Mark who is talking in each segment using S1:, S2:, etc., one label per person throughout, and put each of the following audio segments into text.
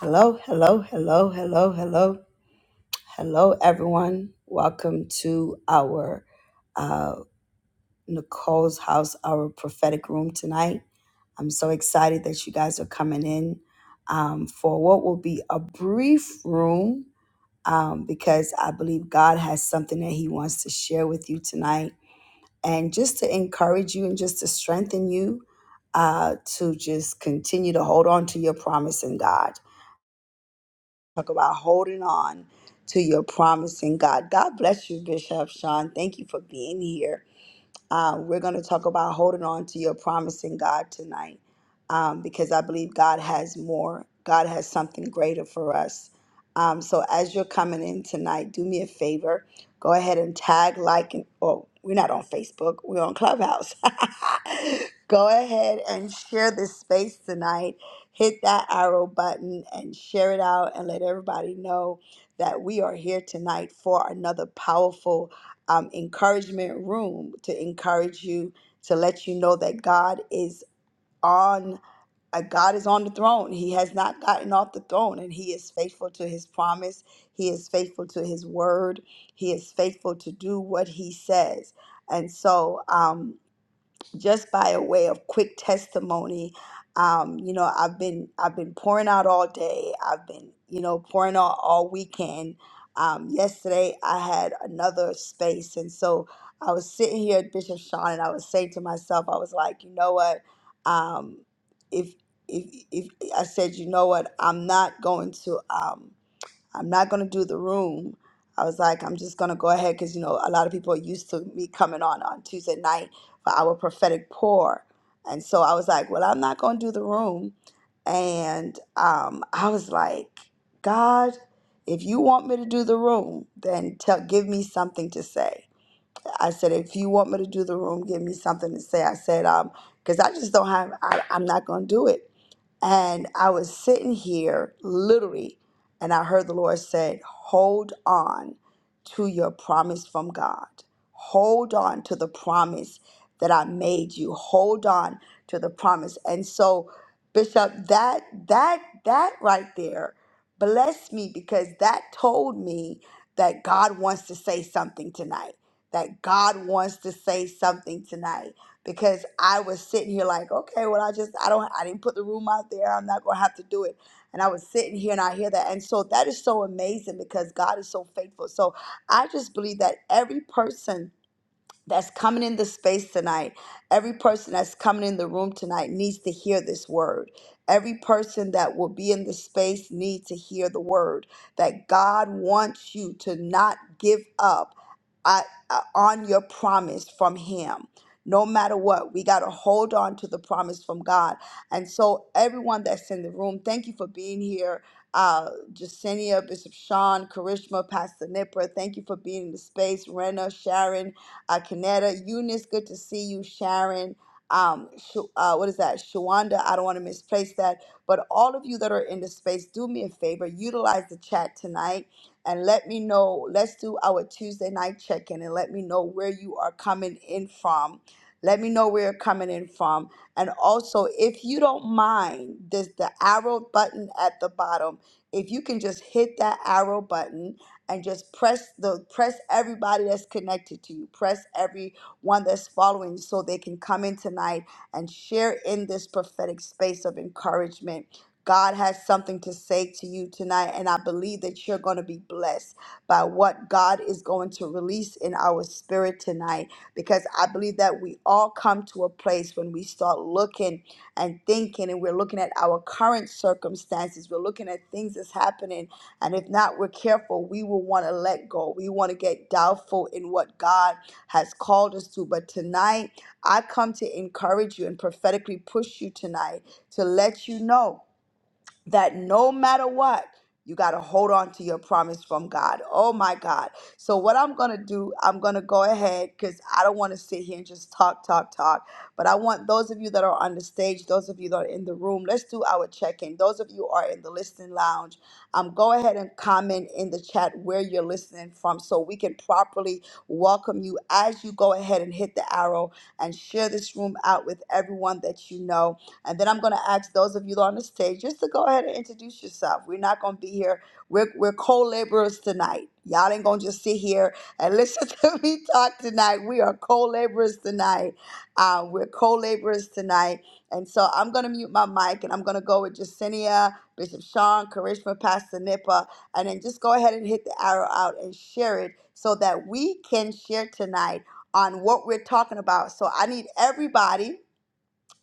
S1: Hello, hello, hello, hello, hello, hello, everyone. Welcome to our uh, Nicole's house, our prophetic room tonight. I'm so excited that you guys are coming in um, for what will be a brief room um, because I believe God has something that He wants to share with you tonight. And just to encourage you and just to strengthen you uh, to just continue to hold on to your promise in God talk about holding on to your promise in God. God bless you, Bishop Sean. Thank you for being here. Uh, we're going to talk about holding on to your promise in God tonight um, because I believe God has more. God has something greater for us. Um, so as you're coming in tonight, do me a favor. Go ahead and tag, like, and oh, we're not on Facebook. We're on Clubhouse. Go ahead and share this space tonight. Hit that arrow button and share it out and let everybody know that we are here tonight for another powerful um, encouragement room to encourage you to let you know that God is on uh, God is on the throne. He has not gotten off the throne, and He is faithful to His promise. He is faithful to His word. He is faithful to do what He says. And so, um, just by a way of quick testimony um, you know i've been i've been pouring out all day i've been you know pouring out all weekend um, yesterday i had another space and so i was sitting here at bishop sean and i was saying to myself i was like you know what um, if if if i said you know what i'm not going to um, I'm not going to do the room. I was like, I'm just going to go ahead because, you know, a lot of people are used to me coming on on Tuesday night for our prophetic pour. And so I was like, well, I'm not going to do the room. And um, I was like, God, if you want me to do the room, then tell, give me something to say. I said, if you want me to do the room, give me something to say. I said, um, because I just don't have, I, I'm not going to do it. And I was sitting here literally, and I heard the Lord said, Hold on to your promise from God. Hold on to the promise that I made you. Hold on to the promise. And so, Bishop, that that that right there blessed me because that told me that God wants to say something tonight. That God wants to say something tonight because I was sitting here like, okay, well, I just, I don't, I didn't put the room out there. I'm not going to have to do it. And I was sitting here and I hear that. And so that is so amazing because God is so faithful. So I just believe that every person that's coming in the space tonight, every person that's coming in the room tonight needs to hear this word. Every person that will be in the space needs to hear the word that God wants you to not give up uh, uh, on your promise from Him. No matter what, we got to hold on to the promise from God. And so, everyone that's in the room, thank you for being here. Uh, Jacinia, Bishop Sean, Karishma, Pastor Nipper, thank you for being in the space. Rena, Sharon, uh, Kaneda, Eunice, good to see you, Sharon. Um, Sh- uh, what is that? Shawanda, I don't want to misplace that. But all of you that are in the space, do me a favor, utilize the chat tonight and let me know. Let's do our Tuesday night check in and let me know where you are coming in from. Let me know where you're coming in from. And also, if you don't mind, there's the arrow button at the bottom. If you can just hit that arrow button, and just press the press everybody that's connected to you press everyone that's following you so they can come in tonight and share in this prophetic space of encouragement god has something to say to you tonight and i believe that you're going to be blessed by what god is going to release in our spirit tonight because i believe that we all come to a place when we start looking and thinking and we're looking at our current circumstances we're looking at things that's happening and if not, we're careful. We will want to let go. We want to get doubtful in what God has called us to. But tonight, I come to encourage you and prophetically push you tonight to let you know that no matter what, you got to hold on to your promise from God. Oh my God. So, what I'm going to do, I'm going to go ahead because I don't want to sit here and just talk, talk, talk. But I want those of you that are on the stage, those of you that are in the room, let's do our check in. Those of you who are in the listening lounge, um, go ahead and comment in the chat where you're listening from so we can properly welcome you as you go ahead and hit the arrow and share this room out with everyone that you know and then I'm going to ask those of you on the stage just to go ahead and introduce yourself. We're not going to be here. We're, we're co laborers tonight. Y'all ain't going to just sit here and listen to me talk tonight. We are co laborers tonight. Uh, we're co laborers tonight. And so I'm going to mute my mic and I'm going to go with Jacinia, Bishop Sean, Karishma, Pastor Nipa, and then just go ahead and hit the arrow out and share it so that we can share tonight on what we're talking about. So I need everybody.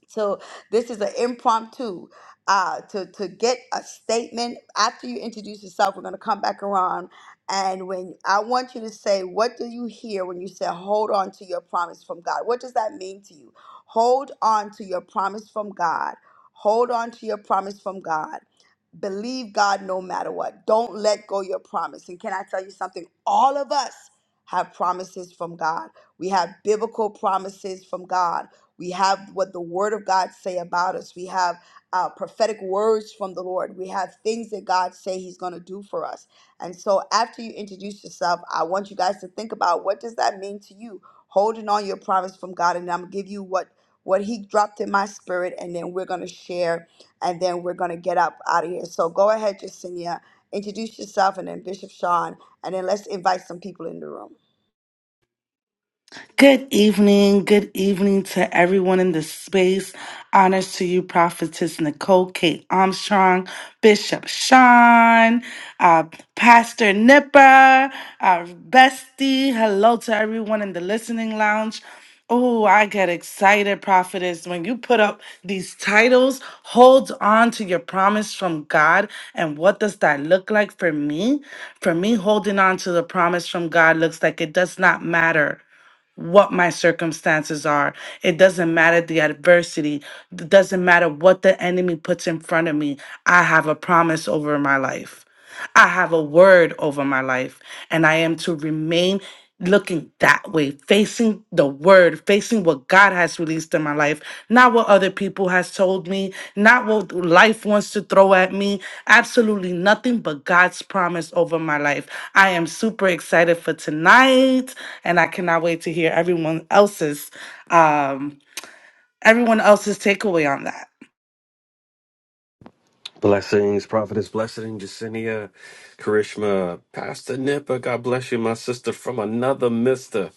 S1: So this is an impromptu uh, to to get a statement after you introduce yourself. We're going to come back around, and when I want you to say, what do you hear when you say, "Hold on to your promise from God"? What does that mean to you? Hold on to your promise from God. Hold on to your promise from God. Believe God no matter what. Don't let go your promise. And can I tell you something? All of us have promises from God. We have biblical promises from God we have what the word of God say about us. We have uh, prophetic words from the Lord. We have things that God say he's going to do for us. And so after you introduce yourself, I want you guys to think about what does that mean to you? Holding on your promise from God and I'm going to give you what what he dropped in my spirit and then we're going to share and then we're going to get up out of here. So go ahead, Jacinia. Introduce yourself and then Bishop Sean and then let's invite some people in the room.
S2: Good evening. Good evening to everyone in the space. Honors to you, Prophetess Nicole Kate Armstrong, Bishop Sean, uh, Pastor Nipper, our bestie. Hello to everyone in the listening lounge. Oh, I get excited, prophetess. When you put up these titles, hold on to your promise from God. And what does that look like for me? For me, holding on to the promise from God looks like it does not matter what my circumstances are. It doesn't matter the adversity. It doesn't matter what the enemy puts in front of me. I have a promise over my life. I have a word over my life. And I am to remain looking that way, facing the word facing what God has released in my life, not what other people has told me, not what life wants to throw at me, absolutely nothing but God's promise over my life. I am super excited for tonight and I cannot wait to hear everyone else's um everyone else's takeaway on that.
S3: Blessings, Prophetess Blessing, Jacinia, Karishma, Pastor Nipper. God bless you, my sister from another mister.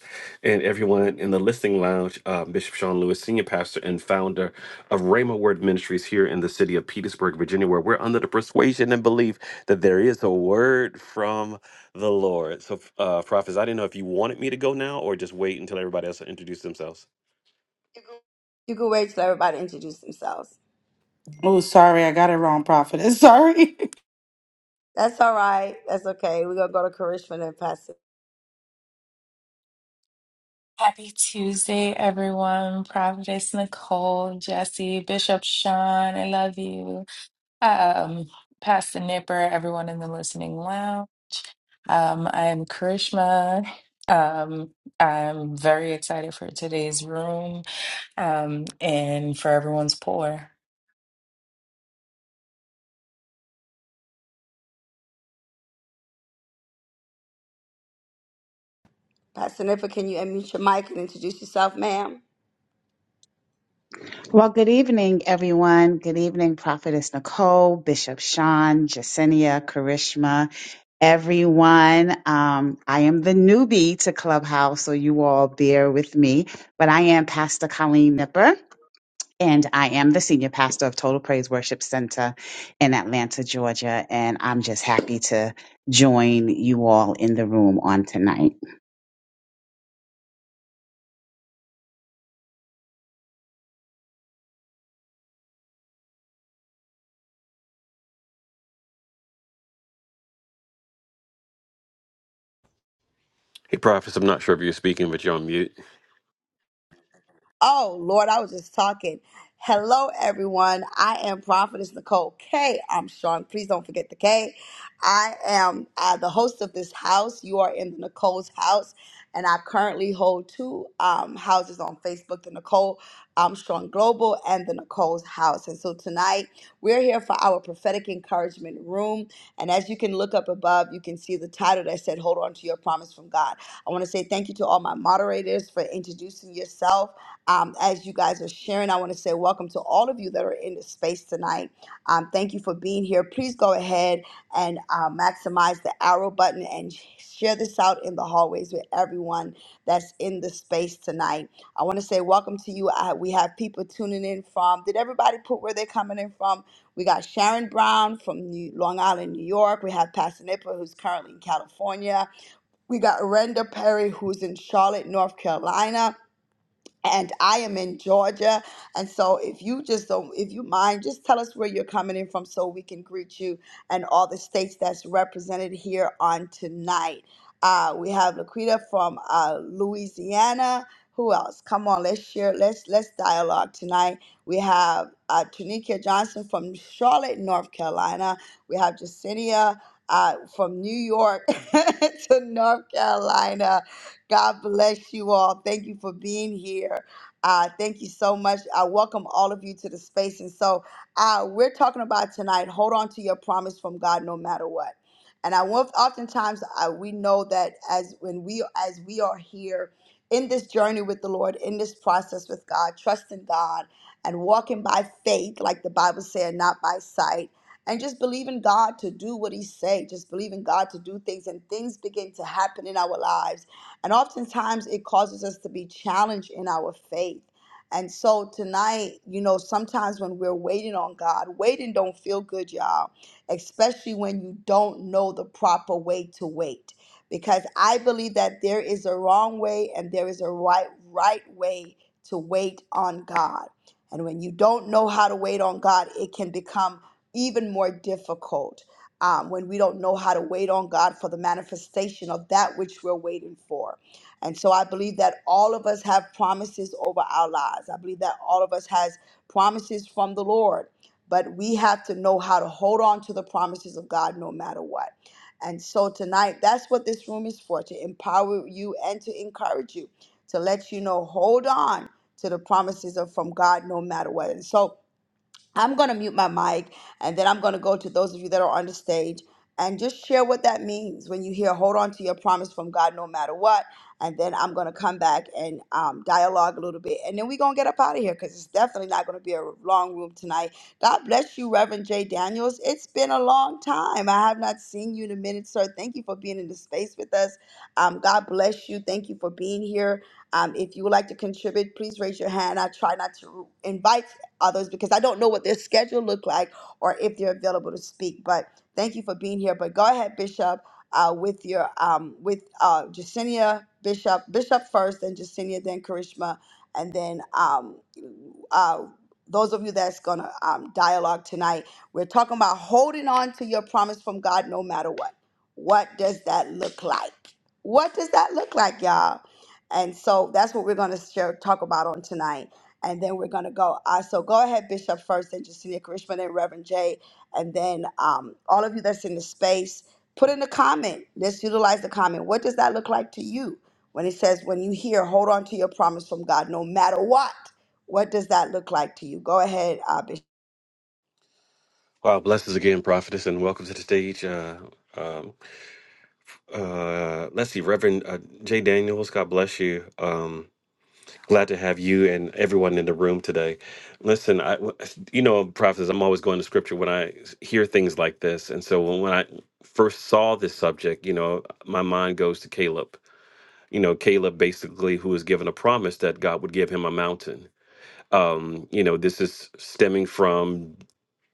S3: And everyone in the listening lounge, uh, Bishop Sean Lewis, Senior Pastor and founder of Rhema Word Ministries here in the city of Petersburg, Virginia, where we're under the persuasion and belief that there is a word from the Lord. So, uh, Prophets, I didn't know if you wanted me to go now or just wait until everybody else introduced themselves.
S1: You can wait till everybody introduce themselves.
S2: Oh, sorry, I got it wrong, Prophet. Sorry.
S1: That's all right. That's okay. We're gonna go to Karishma and Pastor
S4: Happy Tuesday, everyone. Providence, Nicole, Jesse, Bishop Sean, I love you. Um, Pastor Nipper, everyone in the listening lounge. Um, I'm Karishma. Um, I'm very excited for today's room um, and for everyone's pour.
S1: Pastor Nipa, can you unmute your mic and introduce yourself, ma'am?
S5: Well, good evening, everyone. Good evening, Prophetess Nicole, Bishop Sean, Jacinia, Karishma, everyone. Um, I am the newbie to Clubhouse, so you all bear with me. But I am Pastor Colleen Nipper, and I am the senior pastor of Total Praise Worship Center in Atlanta, Georgia. And I'm just happy to join you all in the room on tonight.
S3: Hey, Prophets, I'm not sure if you're speaking, but you're on mute.
S1: Oh, Lord, I was just talking. Hello, everyone. I am Prophetess Nicole K. I'm Sean. Please don't forget the K. I am uh, the host of this house. You are in the Nicole's house, and I currently hold two um, houses on Facebook the Nicole um, Sean Global and the Nicole's house. And so tonight, we're here for our prophetic encouragement room. And as you can look up above, you can see the title that said, Hold on to your promise from God. I want to say thank you to all my moderators for introducing yourself um, as you guys are sharing, I want to say welcome to all of you that are in the space tonight. Um, thank you for being here. Please go ahead and uh, maximize the arrow button and sh- share this out in the hallways with everyone that's in the space tonight. I want to say welcome to you. I, we have people tuning in from. Did everybody put where they're coming in from? We got Sharon Brown from New, Long Island, New York. We have Pastor Nipper, who's currently in California. We got Renda Perry, who's in Charlotte, North Carolina and I am in Georgia. And so if you just don't, if you mind, just tell us where you're coming in from so we can greet you and all the states that's represented here on tonight. Uh, we have Laquita from uh, Louisiana. Who else? Come on, let's share. Let's let's dialogue tonight. We have uh, Tanika Johnson from Charlotte, North Carolina. We have Jacinia uh, from New York to North Carolina. God bless you all. Thank you for being here. Uh, thank you so much. I welcome all of you to the space. And so uh, we're talking about tonight hold on to your promise from God no matter what. And I want, oftentimes I, we know that as when we as we are here in this journey with the Lord, in this process with God, trusting God and walking by faith, like the Bible said, not by sight, and just believe in God to do what He say. Just believe in God to do things, and things begin to happen in our lives and oftentimes it causes us to be challenged in our faith. And so tonight, you know, sometimes when we're waiting on God, waiting don't feel good, y'all, especially when you don't know the proper way to wait. Because I believe that there is a wrong way and there is a right right way to wait on God. And when you don't know how to wait on God, it can become even more difficult um, when we don't know how to wait on God for the manifestation of that which we're waiting for. And so I believe that all of us have promises over our lives. I believe that all of us has promises from the Lord, but we have to know how to hold on to the promises of God no matter what. And so tonight, that's what this room is for to empower you and to encourage you, to let you know, hold on to the promises of from God no matter what. And so I'm going to mute my mic and then I'm going to go to those of you that are on the stage and just share what that means when you hear hold on to your promise from God no matter what. And then I'm going to come back and um, dialogue a little bit. And then we're going to get up out of here because it's definitely not going to be a long room tonight. God bless you, Reverend J. Daniels. It's been a long time. I have not seen you in a minute, sir. Thank you for being in the space with us. Um, God bless you. Thank you for being here. Um, if you would like to contribute, please raise your hand. I try not to invite others because I don't know what their schedule look like or if they're available to speak. But thank you for being here. But go ahead, Bishop, uh, with your um, with uh, Jacinia Bishop, Bishop first, then Jacinia, then Karishma, and then um, uh, those of you that's gonna um, dialogue tonight. We're talking about holding on to your promise from God, no matter what. What does that look like? What does that look like, y'all? And so that's what we're going to share, talk about on tonight and then we're gonna go. Uh, so go ahead, Bishop first, then Justinia Karishma, then Reverend Jay, and then um, all of you that's in the space, put in the comment. Let's utilize the comment. What does that look like to you when it says, when you hear, hold on to your promise from God, no matter what? What does that look like to you? Go ahead, uh, Bishop.
S3: Wow, blessings again, prophetess, and welcome to the stage. Uh, um, uh, let's see, Reverend uh, Jay Daniels, God bless you. Um, glad to have you and everyone in the room today. Listen, I, you know, prophetess, I'm always going to scripture when I hear things like this, and so when, when I first saw this subject, you know, my mind goes to Caleb. You know, Caleb basically, who was given a promise that God would give him a mountain um, you know, this is stemming from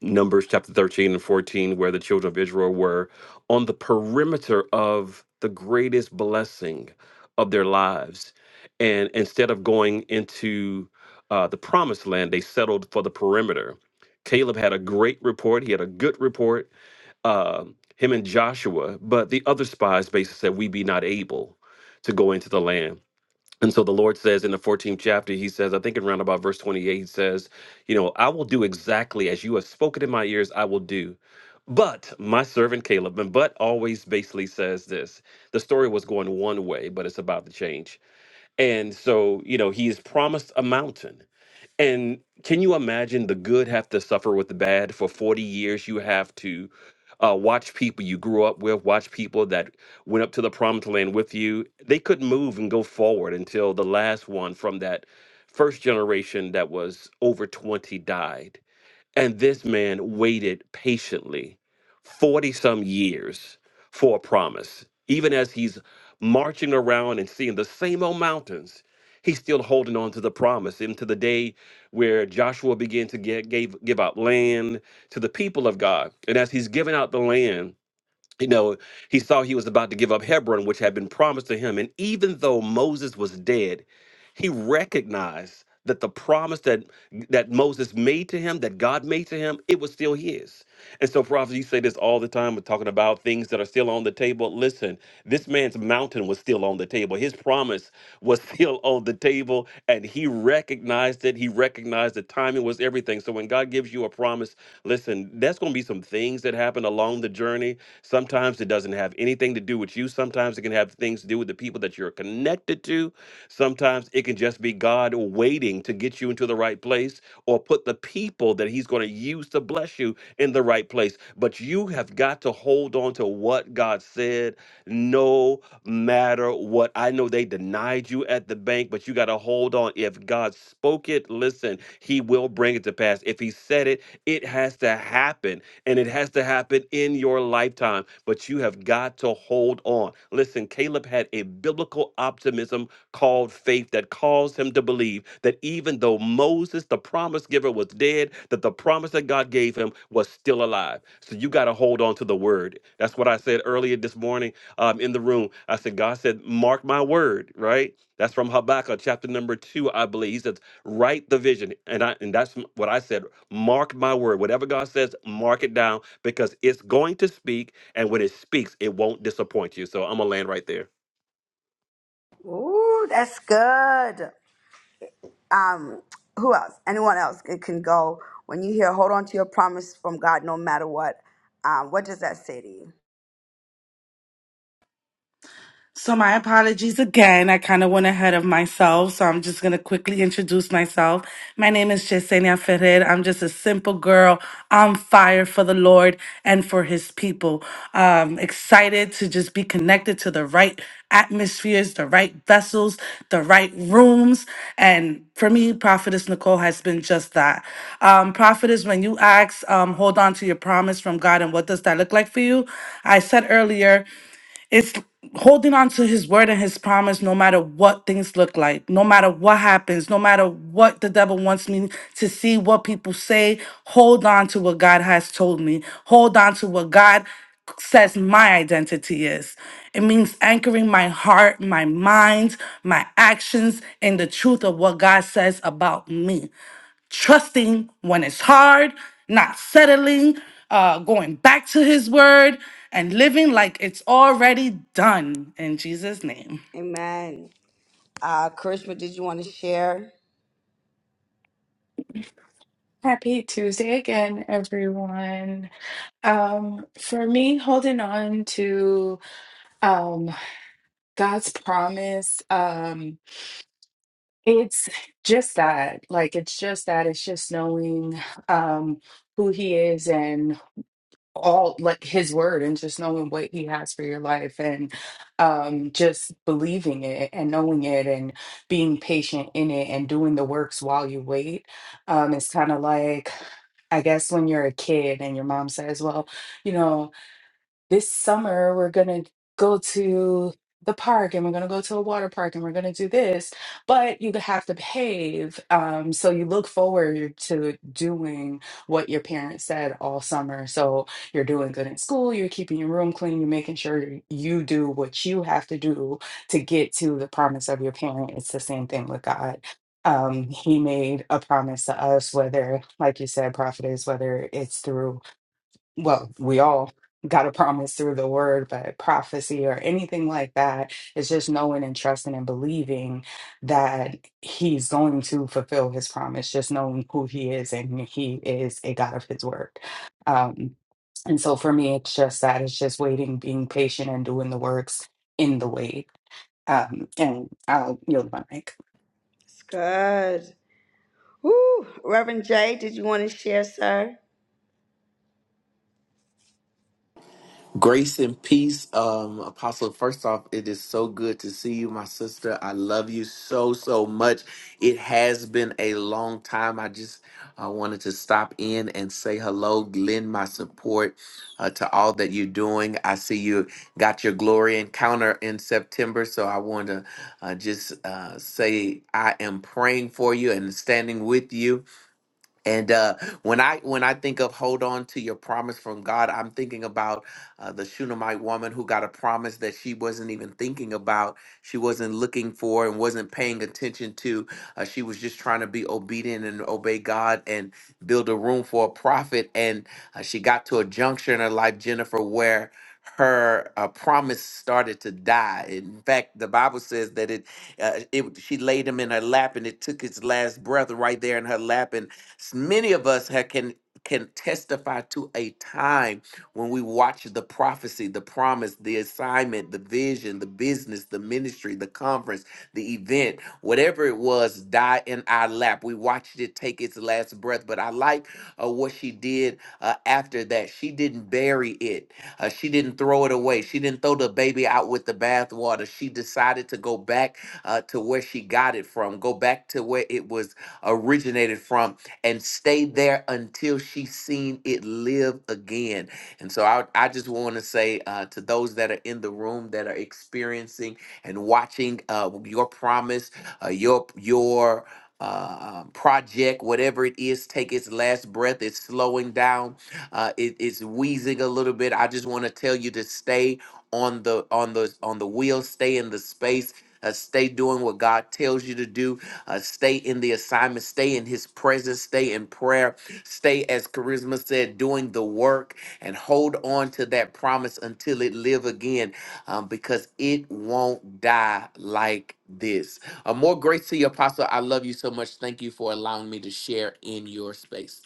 S3: Numbers chapter 13 and 14, where the children of Israel were on the perimeter of the greatest blessing of their lives. And instead of going into uh, the promised land, they settled for the perimeter. Caleb had a great report. He had a good report, uh, him and Joshua, but the other spies basically said, We be not able to go into the land. And so the Lord says in the 14th chapter, He says, I think in round about verse 28, He says, You know, I will do exactly as you have spoken in my ears, I will do. But my servant Caleb, and but always basically says this the story was going one way, but it's about to change. And so, you know, He is promised a mountain. And can you imagine the good have to suffer with the bad for 40 years? You have to uh, watch people you grew up with, watch people that went up to the promised land with you. They couldn't move and go forward until the last one from that first generation that was over 20 died. And this man waited patiently 40 some years for a promise. Even as he's marching around and seeing the same old mountains, he's still holding on to the promise. Into the day where Joshua began to get, gave, give out land to the people of God. And as he's giving out the land, you know, he saw he was about to give up Hebron, which had been promised to him. And even though Moses was dead, he recognized that the promise that that Moses made to him, that God made to him, it was still his. And so, prophets, you say this all the time. We're talking about things that are still on the table. Listen, this man's mountain was still on the table. His promise was still on the table, and he recognized it. He recognized the timing was everything. So when God gives you a promise, listen, there's going to be some things that happen along the journey Sometimes it doesn't have anything to do with you. Sometimes it can have things to do with the people that you're connected to. Sometimes it can just be God waiting to get you into the right place or put the people that He's going to use to bless you in the right place. But you have got to hold on to what God said no matter what. I know they denied you at the bank, but you got to hold on. If God spoke it, listen, He will bring it to pass. If He said it, it has to happen and it has to happen in your lifetime. But you have got to hold on. Listen, Caleb had a biblical optimism called faith that caused him to believe that even though Moses, the promise giver, was dead, that the promise that God gave him was still alive. So you got to hold on to the word. That's what I said earlier this morning um, in the room. I said, God said, mark my word, right? That's from Habakkuk chapter number two, I believe. He says, Write the vision. And I and that's what I said. Mark my word. Whatever God says, mark it down because it's going to speak. And when it speaks, it won't disappoint you. So I'm gonna land right there.
S1: Ooh, that's good. Um, who else? Anyone else? It can go. When you hear, hold on to your promise from God, no matter what. Um, what does that say to you?
S2: So, my apologies again. I kind of went ahead of myself, so I'm just going to quickly introduce myself. My name is Yesenia Ferrer. I'm just a simple girl on fire for the Lord and for his people. Um, excited to just be connected to the right atmospheres, the right vessels, the right rooms. And for me, Prophetess Nicole has been just that. Um, Prophetess, when you ask, um, hold on to your promise from God, and what does that look like for you? I said earlier, it's holding on to his word and his promise no matter what things look like, no matter what happens, no matter what the devil wants me to see, what people say. Hold on to what God has told me. Hold on to what God says my identity is. It means anchoring my heart, my mind, my actions in the truth of what God says about me trusting when it's hard, not settling, uh, going back to his word, and living like it's already done in Jesus' name.
S1: Amen. Uh, Karishma, did you want to share?
S4: Happy Tuesday again, everyone. Um, for me, holding on to um, God's promise. Um, It's just that, like, it's just that, it's just knowing um who he is and all like his word and just knowing what he has for your life and um just believing it and knowing it and being patient in it and doing the works while you wait. Um, it's kind of like I guess when you're a kid and your mom says, well, you know this summer we're going to go to the park and we're going to go to a water park and we're going to do this but you have to behave um, so you look forward to doing what your parents said all summer so you're doing good in school you're keeping your room clean you're making sure you do what you have to do to get to the promise of your parent it's the same thing with god um, he made a promise to us whether like you said prophet is whether it's through well, we all got a promise through the word, but prophecy or anything like that is just knowing and trusting and believing that he's going to fulfill his promise, just knowing who he is and he is a God of his word. Um, and so for me, it's just that it's just waiting, being patient, and doing the works in the wait. Um, and I'll yield my mic.
S1: It's good. Woo. Reverend Jay, did you want to share, sir?
S6: Grace and peace, um, Apostle. First off, it is so good to see you, my sister. I love you so, so much. It has been a long time. I just uh, wanted to stop in and say hello, lend my support uh, to all that you're doing. I see you got your glory encounter in September, so I want to uh, just uh, say I am praying for you and standing with you and uh, when I when I think of hold on to your promise from God, I'm thinking about uh, the Shunammite woman who got a promise that she wasn't even thinking about, she wasn't looking for, and wasn't paying attention to. Uh, she was just trying to be obedient and obey God and build a room for a prophet. And uh, she got to a juncture in her life, Jennifer, where her uh, promise started to die. In fact, the Bible says that it, uh, it she laid him in her lap, and it took its last breath right there in her lap, and S- Many of us ha can can testify to a time when we watched the prophecy, the promise, the assignment, the vision, the business, the ministry, the conference, the event, whatever it was, die in our lap. We watched it take its last breath. But I like uh, what she did uh, after that. She didn't bury it. Uh, she didn't throw it away. She didn't throw the baby out with the bathwater. She decided to go back uh, to where she got it from, go back to where it was originated from, and stay there until she's seen it live again. And so I, I just want to say uh, to those that are in the room that are experiencing and watching uh, your promise, uh, your your uh, um, project, whatever it is, take its last breath. It's slowing down. Uh, it- it's wheezing a little bit. I just want to tell you to stay on the on the on the wheel. Stay in the space. Uh, stay doing what God tells you to do. Uh, stay in the assignment, stay in his presence, stay in prayer, stay, as Charisma said, doing the work and hold on to that promise until it live again um, because it won't die like this. Uh, more grace to you, Apostle. I love you so much. Thank you for allowing me to share in your space.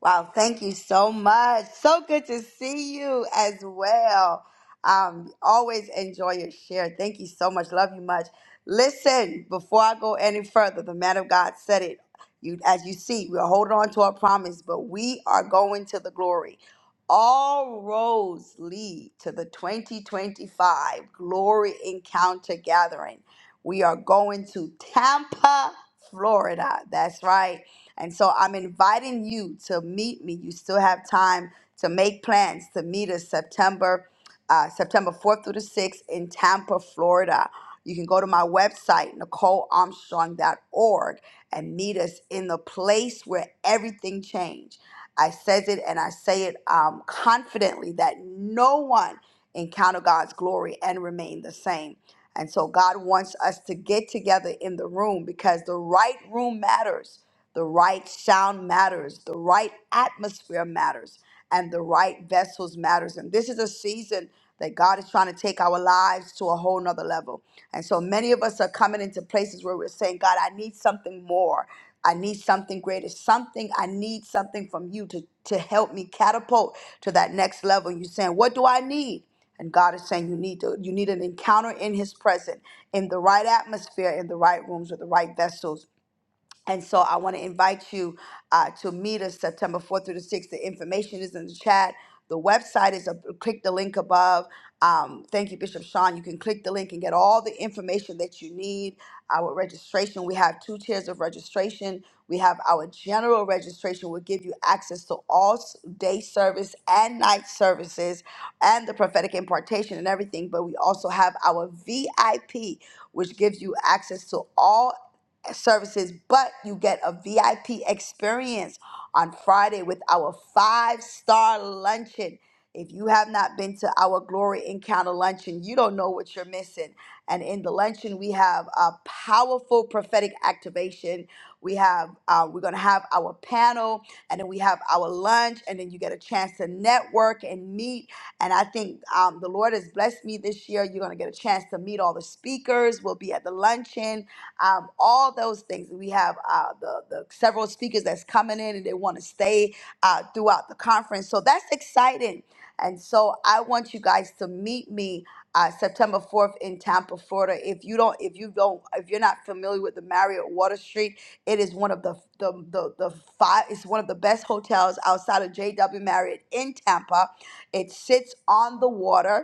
S1: Wow, thank you so much. So good to see you as well. Um, always enjoy your share. Thank you so much. Love you much. Listen, before I go any further, the man of God said it. You, as you see, we're holding on to our promise, but we are going to the glory. All roads lead to the 2025 Glory Encounter Gathering. We are going to Tampa, Florida. That's right. And so I'm inviting you to meet me. You still have time to make plans to meet us September uh, September 4th through the 6th in Tampa, Florida. You can go to my website, nicole armstrong dot org and meet us in the place where everything changed. I says it and I say it um, confidently that no one encounter God's glory and remain the same. And so God wants us to get together in the room because the right room matters. The right sound matters, the right atmosphere matters, and the right vessels matters. And this is a season that God is trying to take our lives to a whole nother level. And so many of us are coming into places where we're saying, God, I need something more. I need something greater, something I need something from you to, to help me catapult to that next level. And you're saying, What do I need? And God is saying you need to you need an encounter in his presence, in the right atmosphere, in the right rooms with the right vessels and so I want to invite you uh, to meet us September 4th through the 6th. The information is in the chat. The website is, a click the link above. Um, thank you, Bishop Sean. You can click the link and get all the information that you need. Our registration, we have two tiers of registration. We have our general registration, will give you access to all s- day service and night services and the prophetic impartation and everything. But we also have our VIP, which gives you access to all services, but you get a VIP experience on Friday with our five star luncheon. If you have not been to our Glory Encounter luncheon, you don't know what you're missing. And in the luncheon, we have a powerful prophetic activation. We have uh, we're gonna have our panel, and then we have our lunch, and then you get a chance to network and meet. And I think um, the Lord has blessed me this year. You're gonna get a chance to meet all the speakers. We'll be at the luncheon um, all those things. We have uh, the, the several speakers that's coming in and they want to stay uh, throughout the conference. So that's exciting. And so I want you guys to meet me uh, September 4th in Tampa, Florida. If you don't, if you don't, if you're not familiar with the Marriott Water Street, it is one of the the the, the five. It's one of the best hotels outside of JW Marriott in Tampa. It sits on the water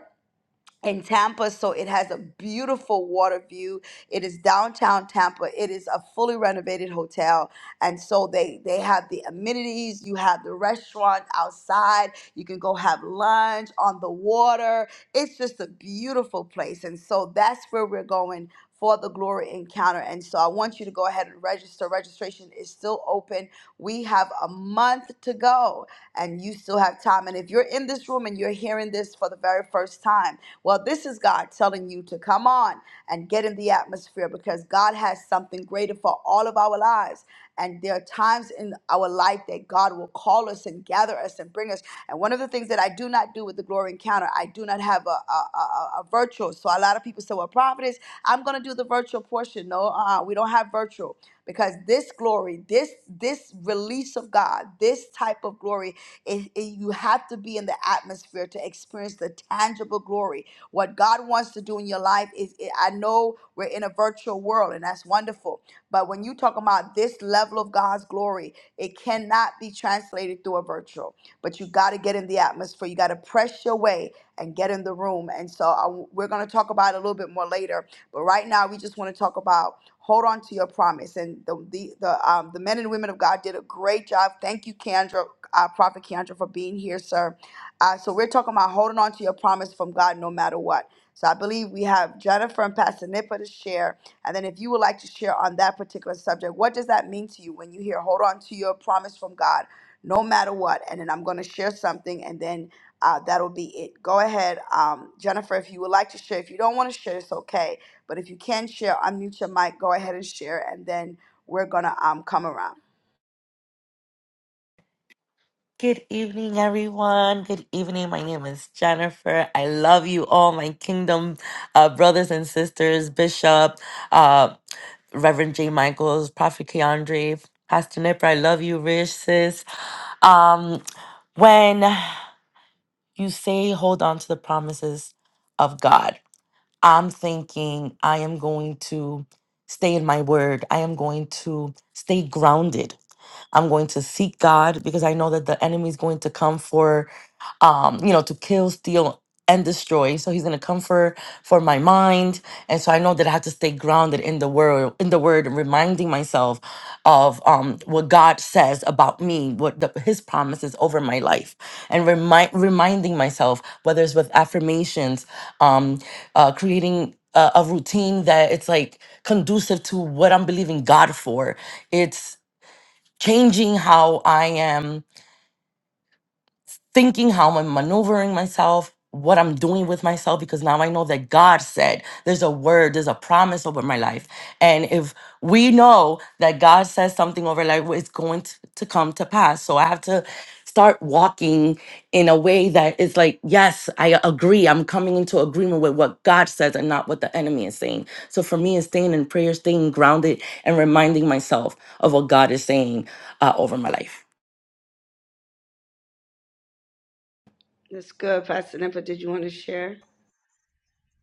S1: in Tampa, so it has a beautiful water view. It is downtown Tampa. It is a fully renovated hotel, and so they they have the amenities. You have the restaurant outside. You can go have lunch on the water. It's just a beautiful place, and so that's where we're going for the glory encounter. And so I want you to go ahead and register. Registration is still open. We have a month to go, and you still have time. And if you're in this room and you're hearing this for the very first time well, this is God telling you to come on and get in the atmosphere because God has something greater for all of our lives. And there are times in our life that God will call us and gather us and bring us. And one of the things that I do not do with the glory encounter, I do not have a, a, a, a virtual. So a lot of people say, well, prophetess, I'm going to do the virtual portion. No, uh, we don't have virtual because this glory, this this release of God, this type of glory, it, it- you have to be in the atmosphere to experience the tangible glory what God wants to do in your life is I know we're in a virtual world and that's wonderful. But when you talk about this level of God's glory, it cannot be translated through a virtual. But you got to get in the atmosphere. You got to press your way and get in the room. And so I, we're going to talk about it a little bit more later. But right now, we just want to talk about hold on to your promise. And the the the, um, the men and women of God did a great job. Thank you, Kendra, uh, Prophet Kendra, for being here, sir. Uh, so we're talking about holding on to your promise from God no matter what. So I believe we have Jennifer and Pastor Nipa to share. And then if you would like to share on that particular subject, what does that mean to you when you hear hold on to your promise from God no matter what? And then I'm going to share something and then uh, that'll be it. Go ahead, um, Jennifer, if you would like to share. If you don't want to share, it's okay. But if you can share, unmute your mic, go ahead and share. And then we're going to um, come around.
S7: Good evening, everyone. Good evening. My name is Jennifer. I love you all, my kingdom uh, brothers and sisters, Bishop, uh, Reverend J. Michaels, Prophet Keandre, Pastor Nipper. I love you, Rich, sis. Um, when you say hold on to the promises of God, I'm thinking I am going to stay in my word, I am going to stay grounded. I'm going to seek God because I know that the enemy is going to come for, um, you know, to kill, steal, and destroy. So he's going to come for for my mind, and so I know that I have to stay grounded in the word, in the word, and reminding myself of um, what God says about me, what the, His promises over my life, and remind reminding myself whether it's with affirmations, um, uh, creating a, a routine that it's like conducive to what I'm believing God for. It's changing how I am thinking, how I'm maneuvering myself, what I'm doing with myself, because now I know that God said there's a word, there's a promise over my life. And if we know that God says something over life, well, it's going t- to come to pass. So I have to start walking in a way that is like, yes, I agree. I'm coming into agreement with what God says and not what the enemy is saying. So for me, it's staying in prayer, staying grounded, and reminding myself of what God is saying uh, over my life.
S1: That's good, Pastor Nipa. Did you want to share?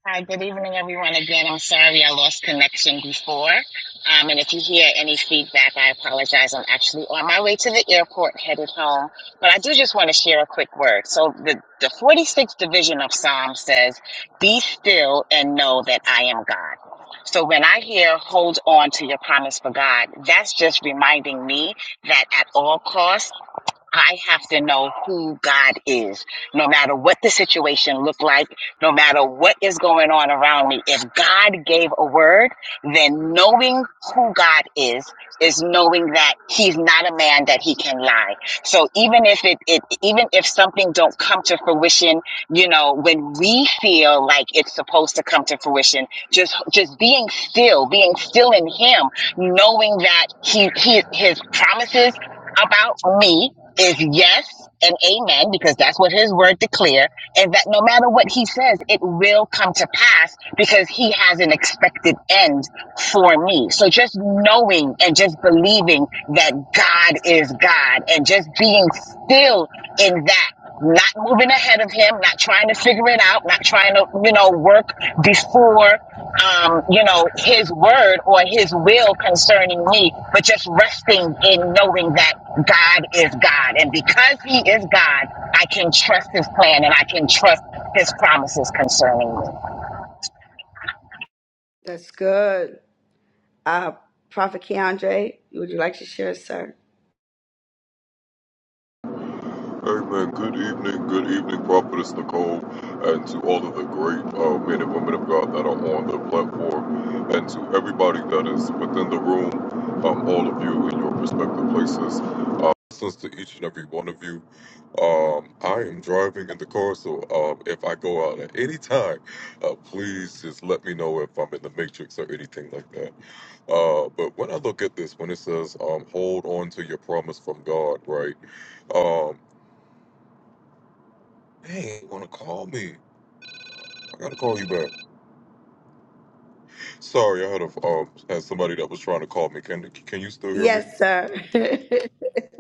S5: Hi, good evening, everyone. Again, I'm sorry I lost connection before. Um, and if you hear any feedback, I apologize. I'm actually on my way to the airport headed home. But I do just want to share a quick word. So, the, the 46th division of Psalm says, Be still and know that I am God. So, when I hear hold on to your promise for God, that's just reminding me that at all costs, I have to know who God is, no matter what the situation looked like, no matter what is going on around me. If God gave a word, then knowing who God is is knowing that He's not a man that He can lie. So even if it, it even if something don't come to fruition, you know, when we feel like it's supposed to come to fruition, just just being still, being still in Him, knowing that He, he His promises about me is yes and amen because that's what his word declare and that no matter what he says it will come to pass because he has an expected end for me so just knowing and just believing that god is god and just being still in that not moving ahead of him not trying to figure it out not trying to you know work before um, you know, his word or his will concerning me, but just resting in knowing that God is God. And because he is God, I can trust his plan and I can trust his promises concerning me.
S1: That's good. Uh, Prophet Keandre, would you like to share, sir?
S8: Amen. Good evening, good evening, Prophetess Nicole, and to all of the great uh, men and women of God that are on the platform, and to everybody that is within the room, um, all of you in your respective places. Blessings to each and every one of you. Um, I am driving in the car, so um, if I go out at any time, uh, please just let me know if I'm in the matrix or anything like that. Uh, but when I look at this, when it says, um, hold on to your promise from God, right? Um, Hey, want to call me? I gotta call you back. Sorry, I had a um had somebody that was trying to call me. Can can you still hear me?
S1: Yes, sir.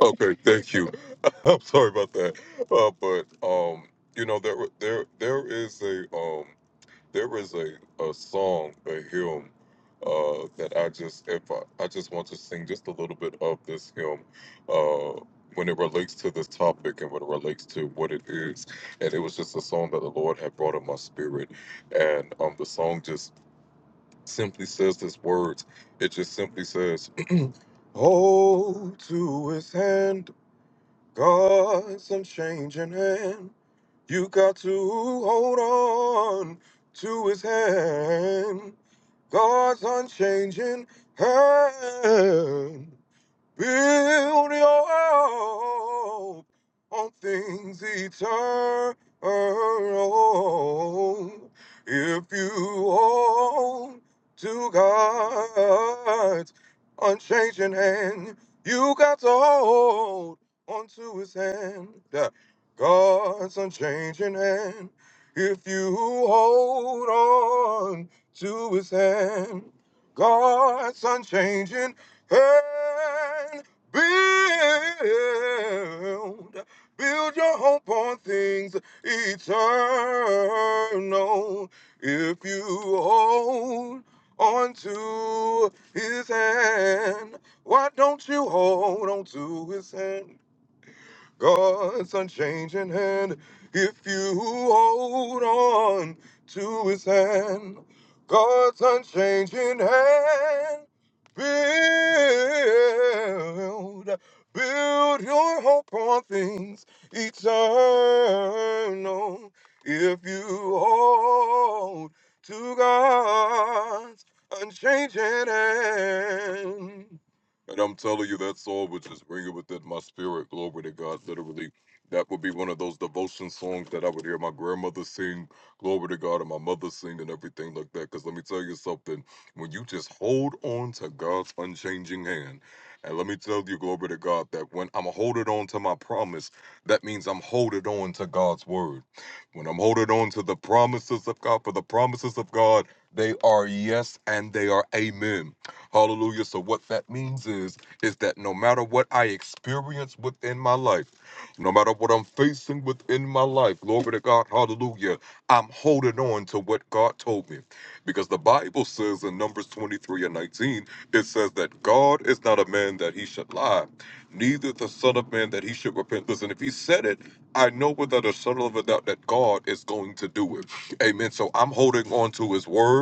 S8: Okay, thank you. I'm sorry about that. Uh, but um, you know there there there is a um there is a a song a hymn uh that I just if I, I just want to sing just a little bit of this hymn uh when it relates to this topic and when it relates to what it is and it was just a song that the Lord had brought in my spirit and um the song just simply says this words. It just simply says, Hold to his hand, God's unchanging hand. You got to hold on to his hand, God's unchanging hand. Build your hope on things eternal. If you hold to God's unchanging hand, you got to hold onto His hand. God's unchanging hand. If you hold on to His hand, God's unchanging and build. Build your hope on things eternal if you hold on to his hand. Why don't you hold on to his hand? God's unchanging hand. If you hold on to his hand, God's unchanging hand. Build, build your hope on things eternal. If you hold to God's unchanging hand. And I'm telling you, that song would just ring it within my spirit. Glory to God. Literally, that would be one of those devotion songs that I would hear my grandmother sing, glory to God, and my mother sing, and everything like that. Because let me tell you something when you just hold on to God's unchanging hand, and let me tell you, glory to God, that when I'm holding on to my promise, that means I'm holding on to God's word. When I'm holding on to the promises of God, for the promises of God, they are yes and they are amen. Hallelujah. So what that means is is that no matter what I experience within my life, no matter what I'm facing within my life, glory to God, hallelujah, I'm holding on to what God told me. Because the Bible says in Numbers 23 and 19, it says that God is not a man that he should lie, neither the Son of Man that he should repent. Listen, if he said it, I know without a shadow of a doubt that God is going to do it. Amen. So I'm holding on to his word.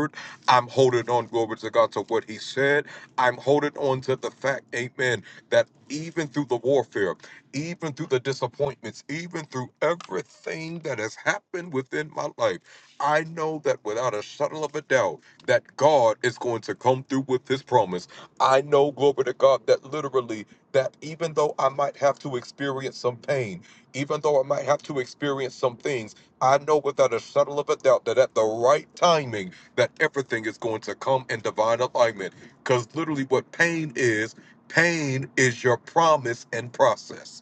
S8: I'm holding on, glory to God, to what He said. I'm holding on to the fact, amen, that even through the warfare, even through the disappointments, even through everything that has happened within my life, I know that without a shadow of a doubt, that God is going to come through with His promise. I know, glory to God, that literally, that even though I might have to experience some pain, even though I might have to experience some things, I know without a shadow of a doubt that at the right timing, that everything is going to come in divine alignment. Because literally, what pain is, pain is your promise and process.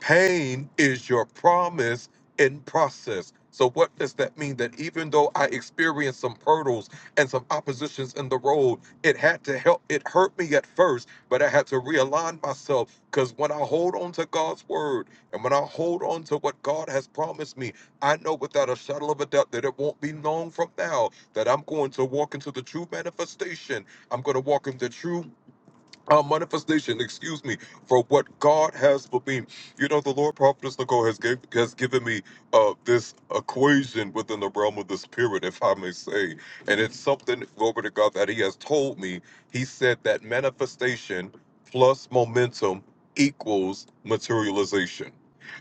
S8: Pain is your promise in process. So, what does that mean? That even though I experienced some hurdles and some oppositions in the road, it had to help. It hurt me at first, but I had to realign myself because when I hold on to God's word and when I hold on to what God has promised me, I know without a shadow of a doubt that it won't be long from now that I'm going to walk into the true manifestation. I'm going to walk into true uh, manifestation, excuse me, for what God has for me. You know, the Lord Prophetess Nicole has gave, has given me uh, this equation within the realm of the spirit, if I may say. And it's something, glory to God, that He has told me. He said that manifestation plus momentum equals materialization.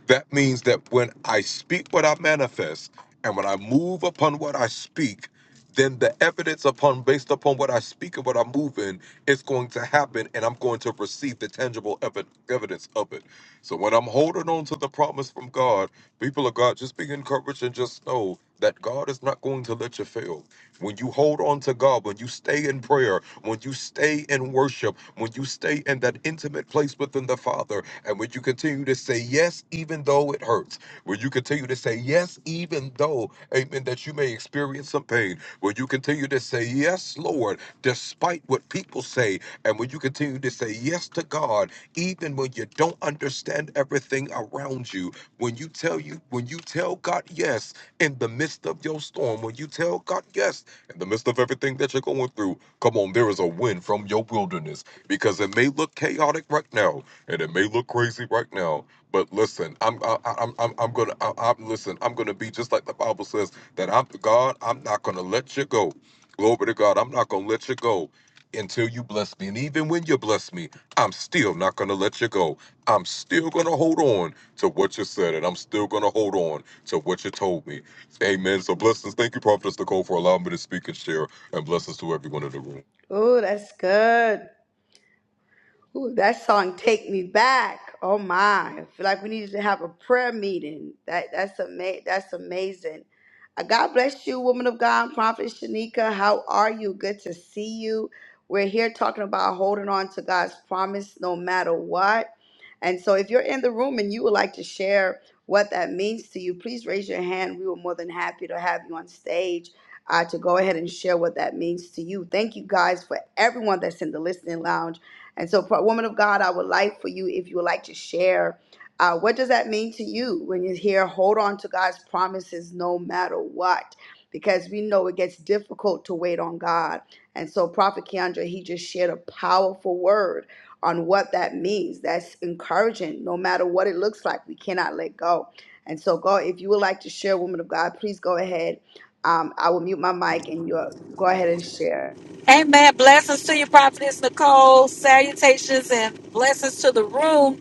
S8: That means that when I speak what I manifest and when I move upon what I speak, then the evidence upon based upon what I speak and what I move in it's going to happen and I'm going to receive the tangible evi- evidence of it. So when I'm holding on to the promise from God, people of God, just be encouraged and just know that God is not going to let you fail. When you hold on to God, when you stay in prayer, when you stay in worship, when you stay in that intimate place within the Father, and when you continue to say yes, even though it hurts where you continue to say yes, even though, amen, that you may experience some pain, where you continue to say yes, Lord, despite what people say, and when you continue to say yes to God, even when you don't understand everything around you, when you tell you, when you tell God yes in the midst of your storm, when you tell God yes in the midst of everything that you're going through, come on, there is a win from your wilderness because it may look chaotic right now and it may look crazy right now, but listen, I'm I, I'm I'm I'm gonna I, I'm listen. I'm gonna be just like the Bible says that I'm God. I'm not gonna let you go. Glory to God. I'm not gonna let you go until you bless me. And even when you bless me, I'm still not gonna let you go. I'm still gonna hold on to what you said, and I'm still gonna hold on to what you told me. Amen. So blessings. Thank you, Prophetess Nicole, for allowing me to speak and share, and blessings to everyone in the room.
S1: oh, that's good. Ooh, that song "Take Me Back." Oh my! I feel like we needed to have a prayer meeting. That that's ama- That's amazing. Uh, God bless you, woman of God, Prophet Shanika. How are you? Good to see you. We're here talking about holding on to God's promise no matter what. And so, if you're in the room and you would like to share what that means to you, please raise your hand. We were more than happy to have you on stage uh, to go ahead and share what that means to you. Thank you guys for everyone that's in the listening lounge. And so, for a woman of God, I would like for you, if you would like to share, uh, what does that mean to you when you hear, hold on to God's promises no matter what? Because we know it gets difficult to wait on God. And so, Prophet Keandre, he just shared a powerful word on what that means. That's encouraging, no matter what it looks like. We cannot let go. And so, God, if you would like to share, woman of God, please go ahead. Um, I will mute my mic and you go ahead and share.
S9: Amen. Blessings to you, Prophetess Nicole. Salutations and blessings to the room.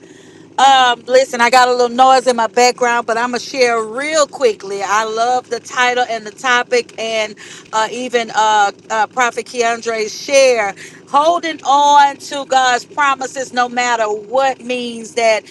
S9: Um, listen, I got a little noise in my background, but I'm gonna share real quickly. I love the title and the topic, and uh, even uh, uh, Prophet Keandre's share. Holding on to God's promises, no matter what, means that